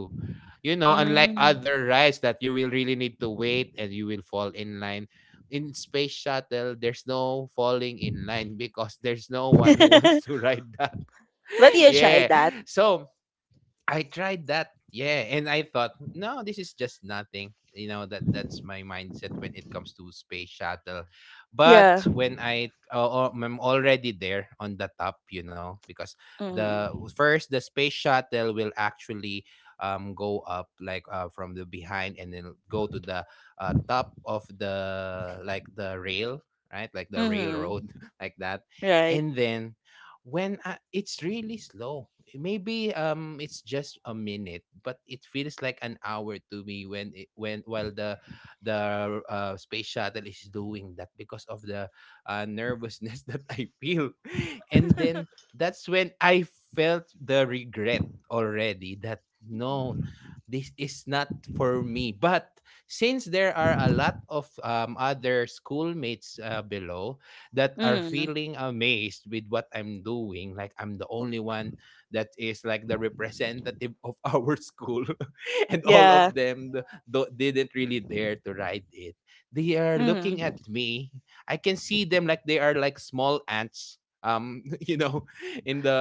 A: You know, unlike
B: mm.
A: other rides that you will really need to wait and you will fall in line. In Space Shuttle, there's no falling in line because there's no one who wants to ride that.
B: But you
A: Yeah.
B: try that.
A: So I tried that. Yeah, and I thought, no, this is just nothing. You know that, that's my mindset when it comes to space shuttle.
B: Yeah.
A: But when I I'm already there on the top, you know, because the
B: Mm,
A: first, the space shuttle will actually go up like from the behind and then go to the top of the, like the rail, right? Like the
B: mm,
A: railroad like that.
B: right.
A: And then when I, it's really slow, maybe it's just a minute, but it feels like an hour to me when it, when while the the space shuttle is doing that because of the nervousness that I feel, and then that's when I felt the regret already that no, this is not for me. But since there are a lot of other schoolmates below that are
B: Mm,
A: feeling amazed with what I'm doing, like I'm the only one that is like the representative of our school and all
B: yeah.
A: of them didn't really dare to ride it. They are looking
B: Mm.
A: at me, I can see them like they are like small ants. You know, in the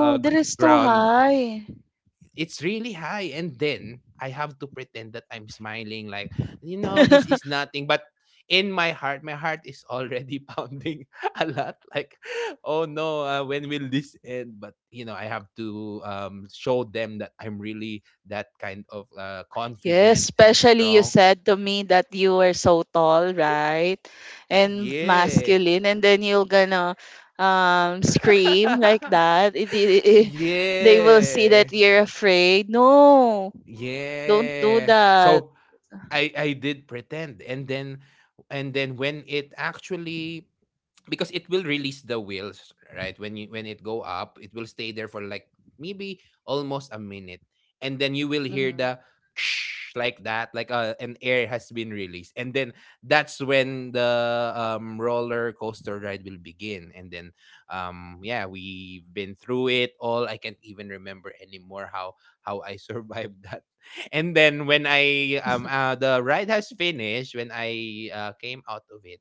B: that is
A: ground.
B: so high.
A: It's really high and then I have to pretend that I'm smiling like, you know, this is nothing, but in my heart, my heart is already pounding a lot like, oh no, when will this end? But you know, I have to show them that I'm really that kind of
B: Yes,
A: confident and
B: especially you
A: strong.
B: said to me that you were so tall, right? And
A: Yeah.
B: masculine, and then you're gonna scream like that. They will see
A: Yeah.
B: that you're afraid. No, don't do
A: Yeah.
B: that.
A: So I did pretend. And then, and then when it actually, because it will release the wheels, right, when you when it go up, it will stay there for like maybe almost a minute, and then you will hear
B: Mm-hmm.
A: the like that, like an air has been released, and then that's when the roller coaster ride will begin. And then yeah, we've been through it all, I can't even remember anymore how I survived that. And then when I the ride has finished, when I came out of it,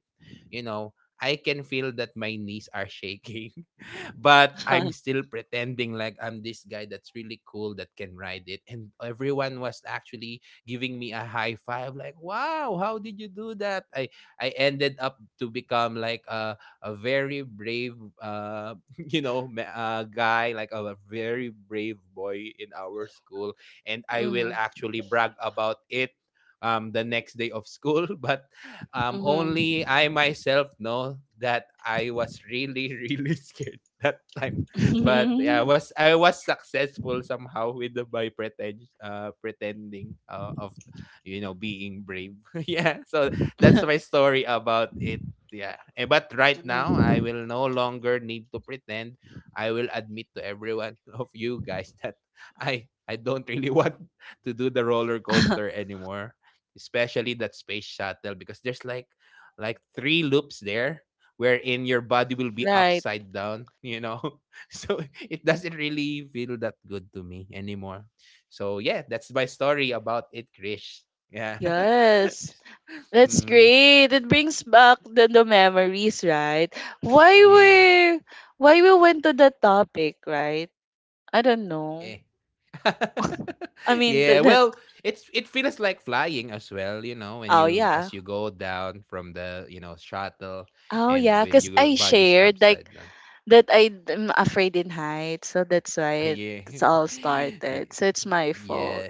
A: you know, I can feel that my knees are shaking. But I'm still pretending like I'm this guy that's really cool that can ride it. And everyone was actually giving me a high five, like, wow, how did you do that? I ended up to become like a very brave, you know, guy, like a very brave boy in our school. And I will
B: Mm-hmm.
A: actually brag about it the next day of school, but only I myself know that I was really, really scared that time. But yeah, I
B: Mm-hmm.
A: was, I was successful somehow with the by pretending, of you know, being brave. Yeah. So that's my story about it. Yeah. Eh, but right now I will no longer need to pretend. I will admit to everyone of you guys that I don't really want to do the roller coaster anymore. Especially that space shuttle, because there's like three loops there wherein your body will be
B: right.
A: upside down, you know? So it doesn't really feel that good to me anymore. So yeah, that's my story about it, Krish. Yeah.
B: Yes. That's
A: Mm,
B: great. It brings back the memories, right? Why
A: yeah.
B: we why we went to that topic, right? I don't know.
A: Yeah.
B: I mean
A: yeah,
B: th- that
A: well, it's it feels like flying as well, you know, when
B: Oh
A: you
B: yeah.
A: as you go down from the shuttle
B: Oh
A: and
B: yeah,
A: when
B: because
A: your
B: I
A: body's
B: shared
A: upside
B: like
A: down.
B: that I'm afraid in heights, so that's why it,
A: Yeah.
B: it's all
A: Ye-
B: started. So it's my
A: yeah.
B: fault.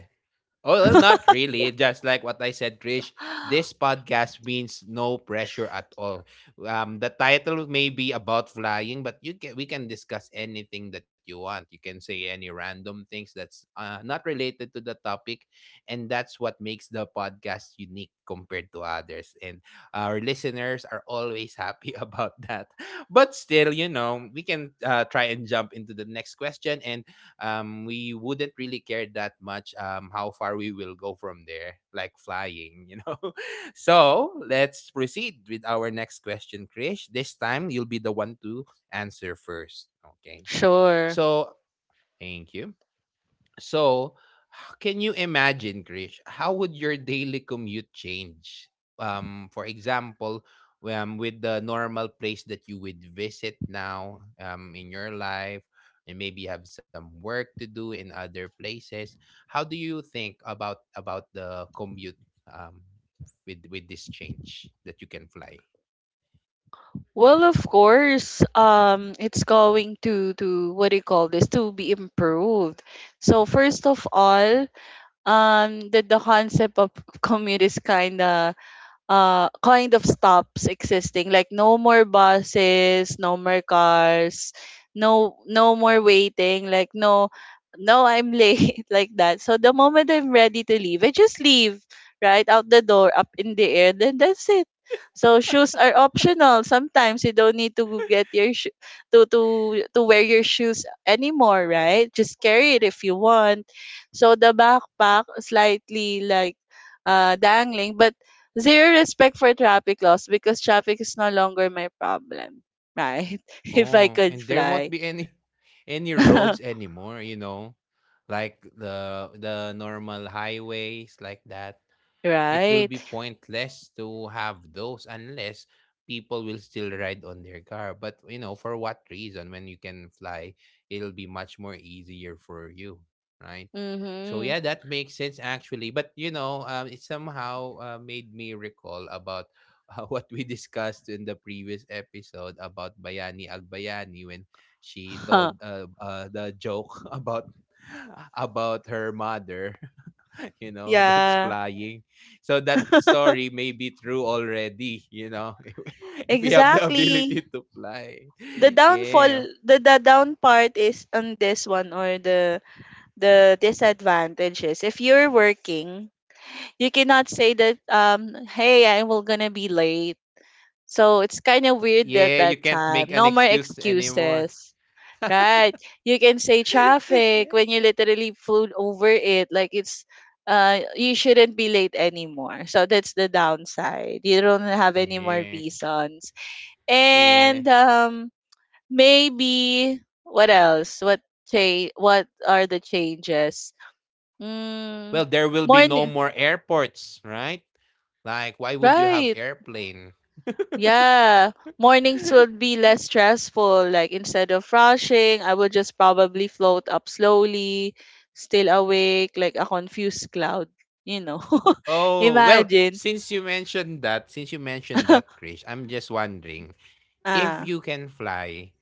A: Oh, well, not really. Just like what I said, Krish, this podcast means no pressure at all. The title may be about flying, but you can we can discuss anything that you want. You can say any random things that's not related to the topic, and that's what makes the podcast unique compared to others. And our listeners are always happy about that. But still, you know, we can try and jump into the next question and we wouldn't really care that much how far we will go from there, like flying, you know. So let's proceed with our next question, Krish. This time you'll be the one to answer first. Okay.
B: Sure.
A: So thank you. So, can you imagine, Krish, how would your daily commute change? For example, with the normal place that you would visit now in your life, and maybe have some work to do in other places. How do you think about the commute um, with this change that you can fly?
B: Well, of course, it's going to what do you call this, to be improved. So first of all, the concept of commute is kind of stops existing. Like no more buses, no more cars, no more waiting. Like no, I'm late. Like that. So the moment I'm ready to leave, I just leave, right out the door, up in the air, then that's it. So shoes are optional. Sometimes you don't need to wear your shoes anymore, right? Just carry it if you want. So the backpack slightly like dangling, but zero respect for traffic laws because traffic is no longer my problem, right? If I
A: Oh,
B: could
A: and there won't
B: fly,
A: be any any roads anymore, you know, like the normal highways like that. It will be
B: right?
A: pointless to have those unless people will still ride on their car, but you know, for what reason when you can fly? It'll be much more easier for you, right? So yeah,
B: Mm-hmm.
A: that makes sense actually, but you know, it somehow made me recall about what we discussed in the previous episode about Bayani Agbayani when she told
B: Huh.
A: the joke about her mother you know, that's
B: Yeah,
A: flying. So that story may be true already, you know, if we have the ability
B: exactly.
A: to fly.
B: The downfall,
A: Yeah.
B: the down part is on this one, or the disadvantages. If you're working, you cannot say that hey, I will gonna be late. So it's kind of weird at
A: Yeah, you
B: that
A: can't
B: time.
A: make an
B: No more
A: excuse anymore.
B: excuses. Right. You can say
A: Yeah.
B: traffic when you literally flew over it. Like it's you shouldn't be late anymore. So that's the downside. You don't have any more
A: yeah
B: reasons.
A: yeah
B: And maybe what else? What are the changes? Mm
A: Well, there will be no
B: Morning,
A: more airports, right? Like, why would you have
B: right.
A: airplane?
B: Yeah, mornings would be less stressful. Like instead of rushing, I would just probably float up slowly, still awake, like a confused cloud. You know,
A: Oh, well,
B: imagine.
A: since you mentioned that, Krish, I'm just wondering if
B: Ah,
A: you can fly,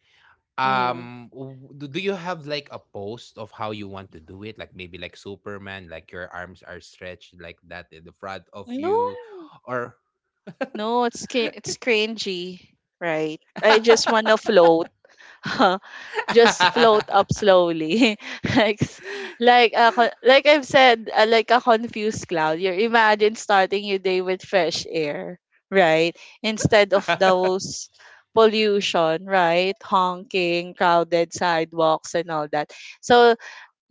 B: mm-hmm.
A: do you have like a post of how you want to do it? Like maybe like Superman, like your arms are stretched like that in the front of
B: No,
A: you or
B: no, it's cringy, right? I just wanna float. Just float up slowly, like like like I've said, like a confused cloud. You imagine starting your day with fresh air, right, instead of those pollution, right, honking, crowded sidewalks and all that. So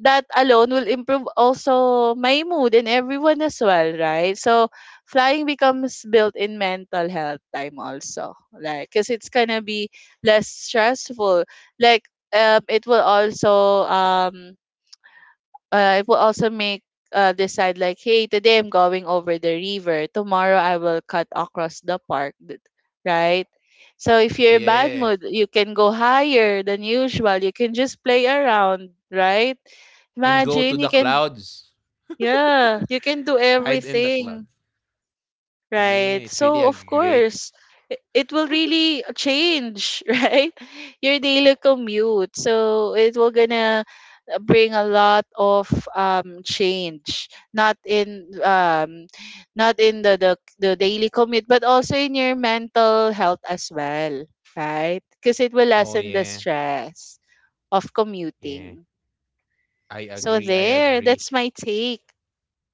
B: that alone will improve also my mood, and everyone as well, right? So flying becomes built in mental health time also, like, because it's gonna be less stressful. Like it will also make decide like, hey, today I'm going over the river, tomorrow I will cut across the park, right? So if you're in bad
A: yeah,
B: mood, you can go higher than usual. You can just play around, right?
A: and go to
B: Imagine you
A: the
B: can,
A: clouds,
B: yeah, you can do
A: hide in the
B: everything,
A: clouds.
B: right?
A: Yeah, it's really
B: So,
A: a
B: of
A: great,
B: course, it will really change, right? Your daily commute. So, it will gonna bring a lot of change, not in not in the the, the daily commute, but also in your mental health as well, right, because it will
A: oh
B: lessen the
A: yeah,
B: stress of
A: yeah,
B: commuting.
A: I agree,
B: So
A: I
B: there,
A: agree.
B: that's my take.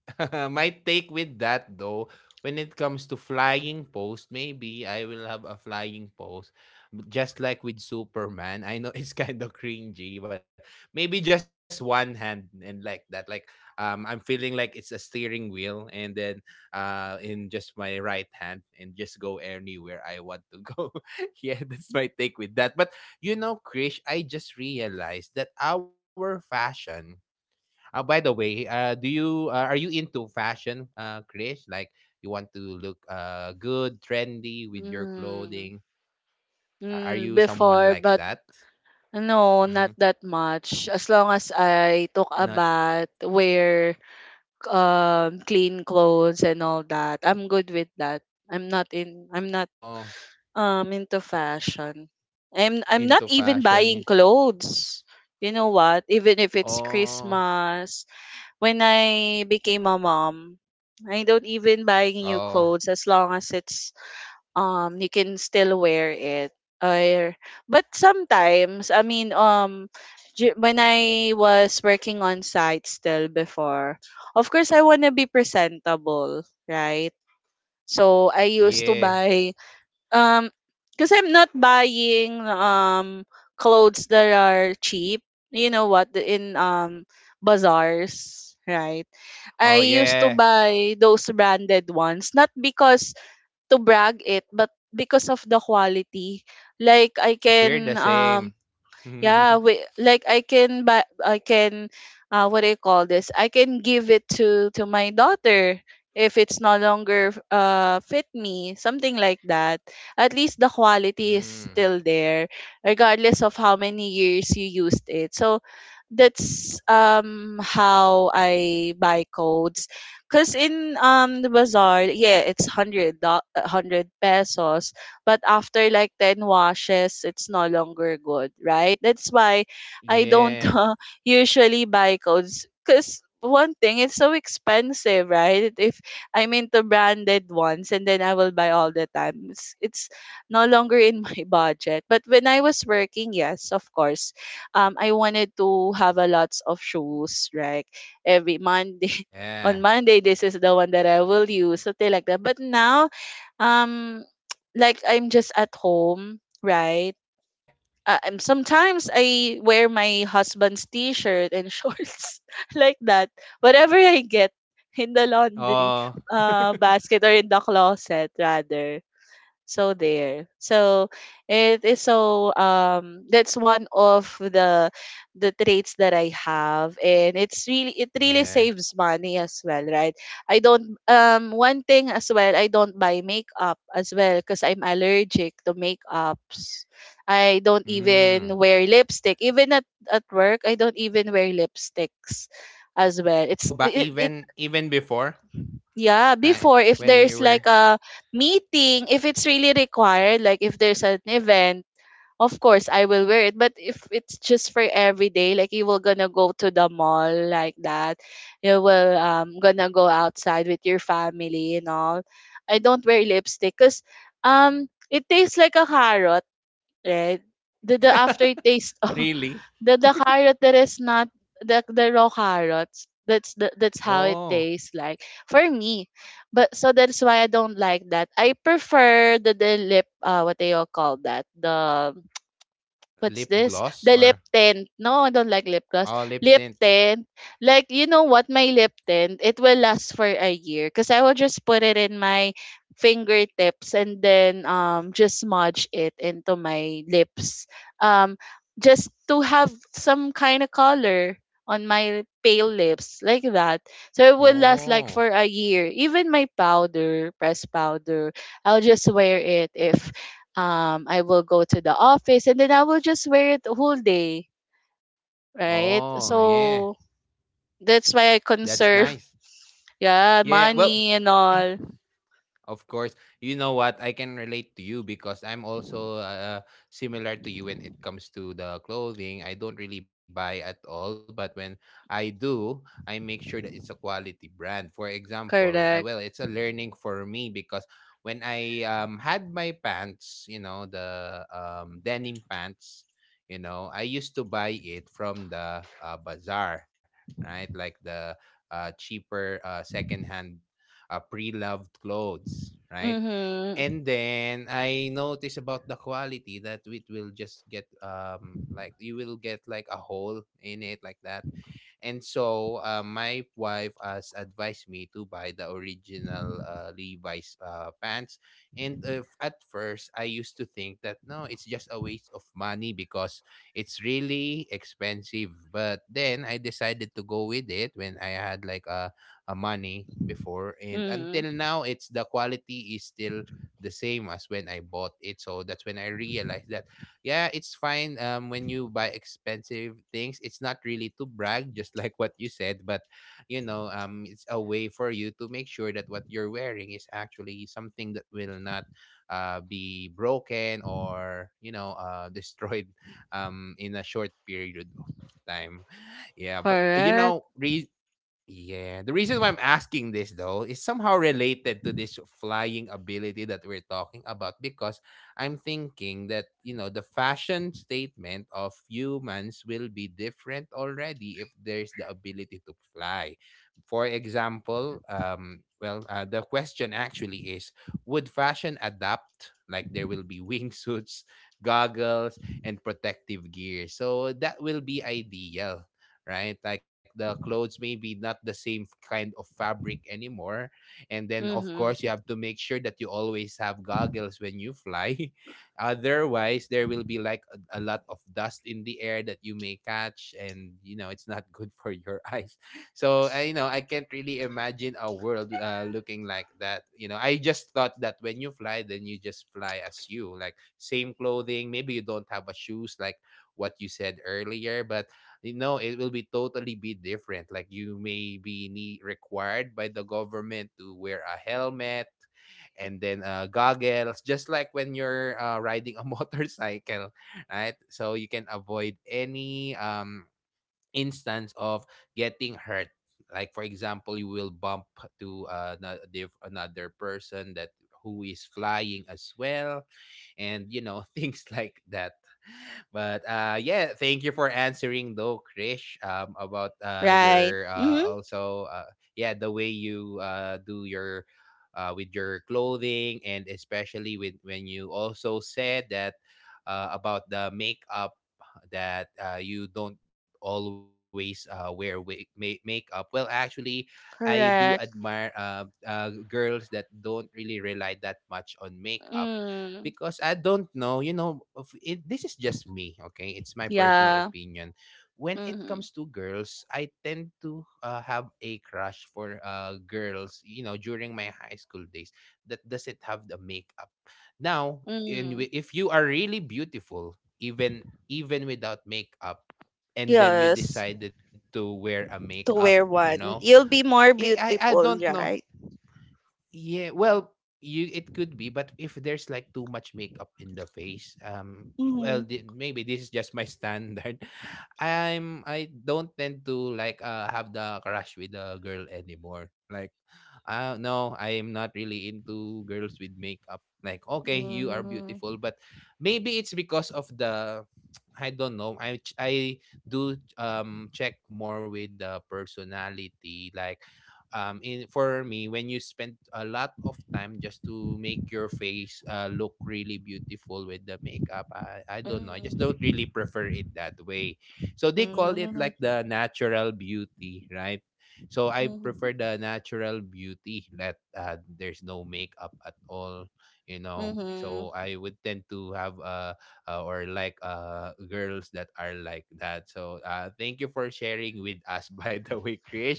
A: My take with that though, when it comes to flying post, maybe I will have a flying post. Just like with Superman. I know it's kind of cringy, but maybe just one hand and like that. Like I'm feeling like it's a steering wheel and then in just my right hand and just go anywhere I want to go. Yeah, that's my take with that. But you know, Krish, I just realized that our fashion by the way, do you are you into fashion, Krish? Like you want to look good, trendy with your
B: Mm,
A: clothing? A-
B: mm,
A: Are you
B: before,
A: someone
B: but
A: like that?
B: no, not
A: Mm-hmm.
B: that much. As long as I took a
A: Not
B: bath, wear clean clothes and all that, I'm good with that. I'm not in I'm not
A: oh
B: um into fashion. I'm not
A: into
B: even buying
A: fashion.
B: clothes. You know what? Even if it's
A: Oh,
B: Christmas, when I became a mom, I don't even buy new
A: oh
B: clothes as long as it's you can still wear it. Or but sometimes, I mean, when I was working on site still before, of course I want to be presentable, right? So I used to
A: yeah,
B: buy, um because I'm not buying clothes that are cheap, you know what, in bazaars, right, I
A: oh
B: used to
A: yeah.
B: buy those branded ones, not because to brag it, but because of the quality, like I
A: We're
B: can
A: the same.
B: yeah,
A: mm,
B: we, like I can buy, I can, what do you call this? I can give it to my daughter if it's no longer fit me, something like that. At least the quality is still there, regardless of how many years you used it. So that's how I buy codes. Cause in the bazaar, yeah, it's hundred pesos, but after like 10 washes, it's no longer good, right? That's why I don't
A: yeah,
B: usually buy coats, because one thing, it's so expensive, right? If I'm into branded ones and then I will buy all the time, it's no longer in my budget. But when I was working, yes, of course, I wanted to have a lots of shoes, right? Every Monday on
A: yeah,
B: Monday, this is the one that I will use, something like that. But now, um like I'm just at home, right?
A: yeah,
B: Sometimes I wear my husband's t-shirt and shorts like that. Whatever I get in the laundry,
A: oh,
B: basket, or in the closet rather. So there. So it is so, that's one of the traits that I have, and it really
A: yeah.
B: saves money as well, right? I don't One thing as well, I don't buy makeup as well because I'm allergic to makeups. I don't
A: Mm.
B: even wear lipstick. Even at work, I don't even wear lipsticks as well. It's
A: Oh, but
B: it, it
A: even before,
B: Yeah,
A: right?
B: before, if
A: When you
B: there's
A: were
B: like a meeting, if it's really required, like if there's an event, of course I will wear it. But if it's just for every day, like you will gonna go to the mall like that, you will gonna go outside with your family and all. I don't wear lipstick because it tastes like a carrot, right? The aftertaste.
A: Really?
B: The carrot that is not the raw carrots. That's that's how it
A: Oh,
B: tastes like for me. But so that's why I don't like that. I prefer the lip, what do you call that? The, what's
A: lip
B: this?
A: gloss
B: The lip
A: or
B: tint. No, I don't like lip gloss.
A: oh, lip
B: Lip
A: tint.
B: tint. Like, you know what? My lip tint, it will last for a year because I will just put it in my fingertips and then just smudge it into my lips. Um, just to have some kind of color on my pale lips like that. So it will last like
A: Oh.
B: for a year. Even my powder, pressed powder, I'll just wear it if I will go to the office, and then I will just wear it the whole day, right?
A: Oh, yeah.
B: So that's why I
A: That's nice.
B: conserve yeah,
A: Yeah, well,
B: money and all.
A: of course. You know what? I can relate to you because I'm also similar to you when it comes to the clothing. I don't really buy at all, but when I do, I make sure that it's a quality brand. For example, I well,
B: Correct.
A: it's a learning for me because when I had my pants, you know, the denim pants, you know, I used to buy it from the bazaar, right? Like the cheaper secondhand pre-loved clothes, right? And
B: Mhm.
A: then I noticed about the quality that it will just get like you will get like a hole in it like that. And so my wife has advised me to buy the original Levi's pants. And at first, I used to think that no, it's just a waste of money because it's really expensive. But then I decided to go with it when I had like a money before, and
B: Mhm.
A: until now it's the quality is still the same as when I bought it. So that's when I realized that yeah, it's fine when you buy expensive things. It's not really to brag just like what you said, but you know, it's a way for you to make sure that what you're wearing is actually something that will not be broken or you know, destroyed in a short period of time. Yeah, but you
B: Correct.
A: know, yeah. The reason why I'm asking this though is somehow related to this flying ability that we're talking about, because I'm thinking that, you know, the fashion statement of humans will be different already if there's the ability to fly. For example, well, the question actually is, would fashion adapt, like there will be wingsuits, goggles and protective gear. So that will be ideal, right? Like the clothes maybe not the same kind of fabric anymore. And then of
B: Mhm.
A: course you have to make sure that you always have goggles when you fly. Otherwise there will be like a lot of dust in the air that you may catch, and you know it's not good for your eyes. So I, you know, I can't really imagine a world looking like that. You know, I just thought that when you fly then you just fly as you, like same clothing, maybe you don't have a shoes like what you said earlier, but you know it will be totally be different, like you may be required by the government to wear a helmet and then goggles just like when you're riding a motorcycle, right, so you can avoid any instance of getting hurt, like for example you will bump to another person that who is flying as well, and you know things like that. But yeah, thank you for answering though, Krish. um about uh
B: Right.
A: your uh
B: Mhm.
A: also uh yeah, the way you do your with your clothing, and especially with when you also said that about the makeup, that you don't always makeup. Well, actually I do
B: Correct.
A: admire girls that don't really rely that much on makeup,
B: Mm.
A: because I don't know, you know, of it, this is just me, okay? It's my personal
B: Yeah.
A: opinion. When it
B: Mhm.
A: comes to girls, I tend to have a crush for girls, you know, during my high school days that doesn't have the makeup. Now,
B: Mhm.
A: if you are really beautiful, even without makeup, and then you
B: Yes,
A: decided to wear a
B: to
A: makeup,
B: wear
A: you know,
B: one. You'll be more
A: I
B: beautiful,
A: don't know.
B: right?
A: Yeah, well, you it could be, but if there's like too much makeup in the face,
B: Mm-hmm.
A: well, maybe this is just my standard. I'm I don't tend to like have the crush with the girl anymore. Like, no, I am not really into girls with makeup. Like, okay, you are
B: Mm.
A: beautiful, but maybe it's because of the I don't know. I do check more with the personality. Like in for me, when you spend a lot of time just to make your face look really beautiful with the makeup, I don't know, I just don't
B: Mhm.
A: really prefer it that way. So they call it like
B: Mhm.
A: the natural beauty, right? So I prefer the natural beauty that there's no makeup at all, you know,
B: Mhm.
A: so I would tend to have or like girls that are like that. So thank you for sharing with us by the way, Krish.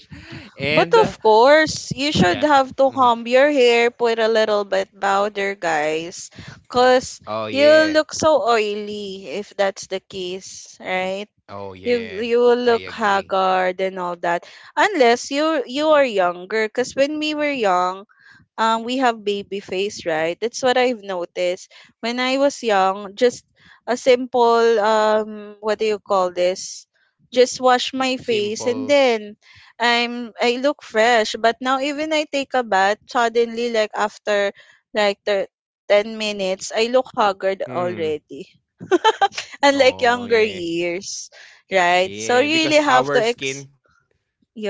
A: And
B: But of course, you
A: yeah.
B: should have to
A: Mhm.
B: comb your hair, put a little bit powder, guys. Because
A: Oh,
B: you'll
A: yeah.
B: look so oily if that's the case, right?
A: Oh,
B: You,
A: yeah.
B: you will
A: I
B: look
A: agree.
B: haggard and all that, unless you are younger, because when we were young, we have baby face, right? That's what I've noticed. When I was young, just a simple, what do you call this? Just wash my face,
A: Simple.
B: and then I look fresh. But now, even I take a bath, suddenly, like after like 10 minutes, I look haggard
A: Hmm,
B: already. Unlike
A: oh,
B: younger
A: yeah.
B: years, right? So
A: Yeah.
B: you
A: Because
B: really have
A: our
B: to. Ex
A: skin,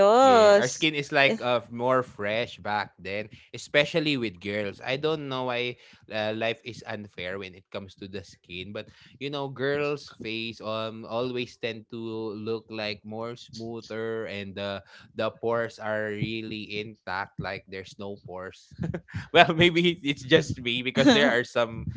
A: yeah, our skin is like more fresh back then, especially with girls. I don't know why life is unfair when it comes to the skin, but you know, girls' face always tend to look like more smoother, and the pores are really intact, like there's no pores. Well, maybe it's just me because there are some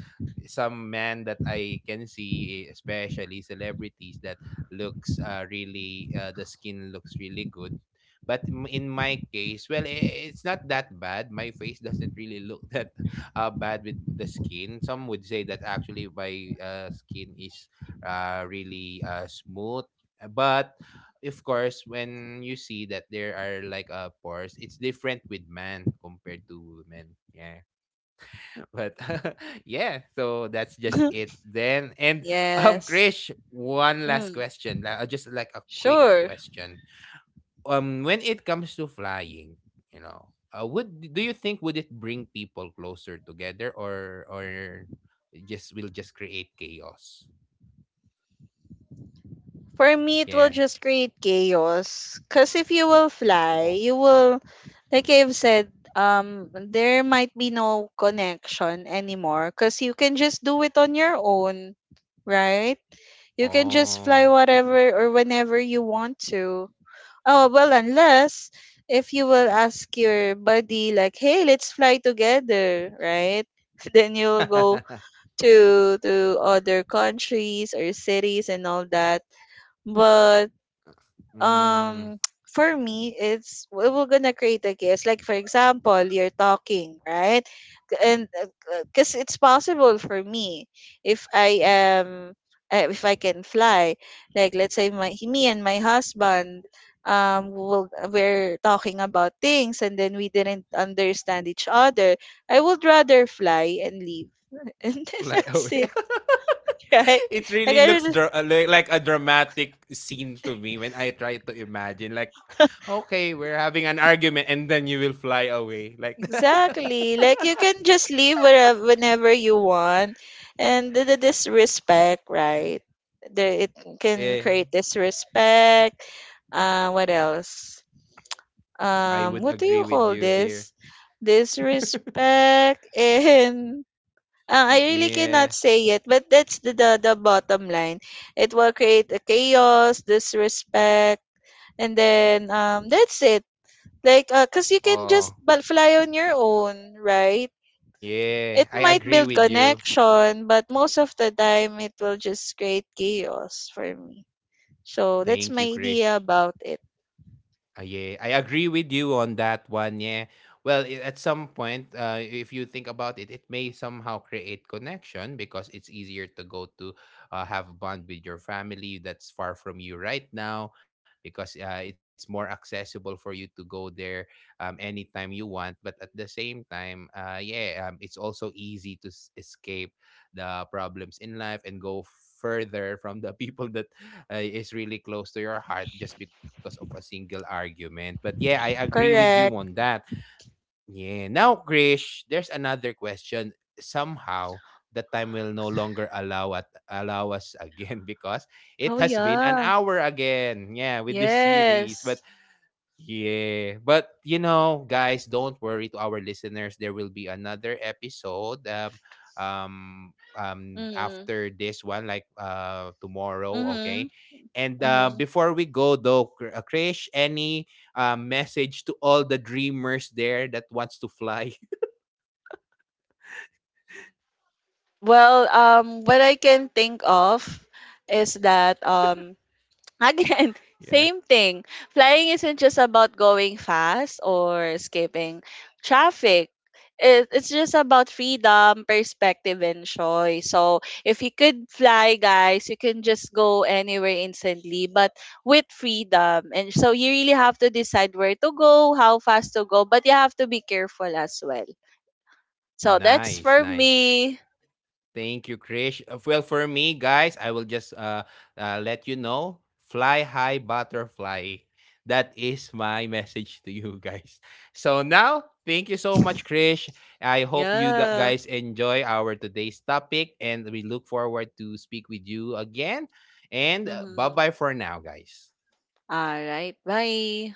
A: men that I can see, especially celebrities that looks really the skin looks really good. But in my case, well, it's not that bad. My face doesn't really look that bad with the skin. Some would say that actually my skin is really smooth. But of course, when you see that there are like pores, it's different with man compared to women. Yeah. But yeah, so that's just it then. And
B: Yes.
A: Krish, one last
B: Mm.
A: question, like just like a quick
B: Sure.
A: question. When it comes to flying, you know, would do you think would it bring people closer together or just will just create chaos?
B: For me, it will
A: Yeah.
B: just create chaos. Because if you will
A: Oh.
B: fly, you will, like I've said, there might be no connection anymore. Because you can just do it on your own, right? You can just
A: Oh.
B: fly whatever or whenever you want to. Oh, well, unless if you will ask your buddy, like, hey, let's fly together, right? Then you'll go to other countries or cities and all that. But,
A: mm,
B: um for me, we're gonna create a case, like for example, you're talking, right? And because it's possible for me, if i am if I can fly, like let's say, my me and my husband, we're talking about things, and then we didn't understand each other, I would rather fly and leave. And then
A: fly away.
B: that's it. Right,
A: It
B: like
A: really
B: I
A: looks
B: don't.
A: like a dramatic scene to me when I try to imagine like okay, we're having an argument and then you will fly away like
B: Exactly. Like you can just leave wherever, whenever you want, and the disrespect, right? It can
A: yeah,
B: create disrespect. What else?
A: I would
B: What do
A: agree
B: you
A: with
B: call
A: you there.
B: this? Disrespect, and I really
A: Yeah,
B: cannot say it, but that's the bottom line. It will create a chaos, disrespect, and then that's it. Like, cause you can just
A: oh
B: fly on your own, right? It
A: yeah, I
B: might
A: agree
B: build
A: with you.
B: connection, but most of the time it will just create chaos for me. So that's
A: Thank
B: my
A: you,
B: idea
A: Krish.
B: about it.
A: Yeah, I agree with you on that one. Yeah. Well, at some point, if you think about it, it may somehow create connection because it's easier to go to have bond with your family that's far from you right now, because it's more accessible for you to go there anytime you want. But at the same time, yeah, it's also easy to escape the problems in life and go further from the people that is really close to your heart just because of a single argument. But yeah, I agree with you
B: Correct.
A: on that. Yeah. Now, Krish, there's another question. Somehow, the time will no longer allow at allow us again because
B: Oh
A: it has been an
B: yeah.
A: hour again. Yeah, with this series,
B: Yes.
A: but yeah, but you know, guys, don't worry. To our listeners, there will be another episode. Um,
B: Mm-hmm.
A: After this one, like tomorrow.
B: Mm-hmm.
A: Okay, and
B: Mm-hmm.
A: before we go though, Krish, any message to all the dreamers there that wants to fly?
B: Well, what I can think of is that. Again,
A: Yeah,
B: same thing. Flying isn't just about going fast or escaping traffic. It's just about freedom, perspective, and joy. So if you could fly, guys, you can just go anywhere instantly, but with freedom. And so you really have to decide where to go, how fast to go, but you have to be careful as well. So that's
A: nice,
B: for
A: nice.
B: me.
A: Thank you, Krish. Well, for me, guys, I will just let you know, fly high butterfly. That is my message to you guys. So now, thank you so much, Krish. I hope you that
B: Yeah.
A: guys enjoy our today's topic, and we look forward to speak with you again. And bye
B: Mm-hmm.
A: bye for now, guys.
B: All right. Bye.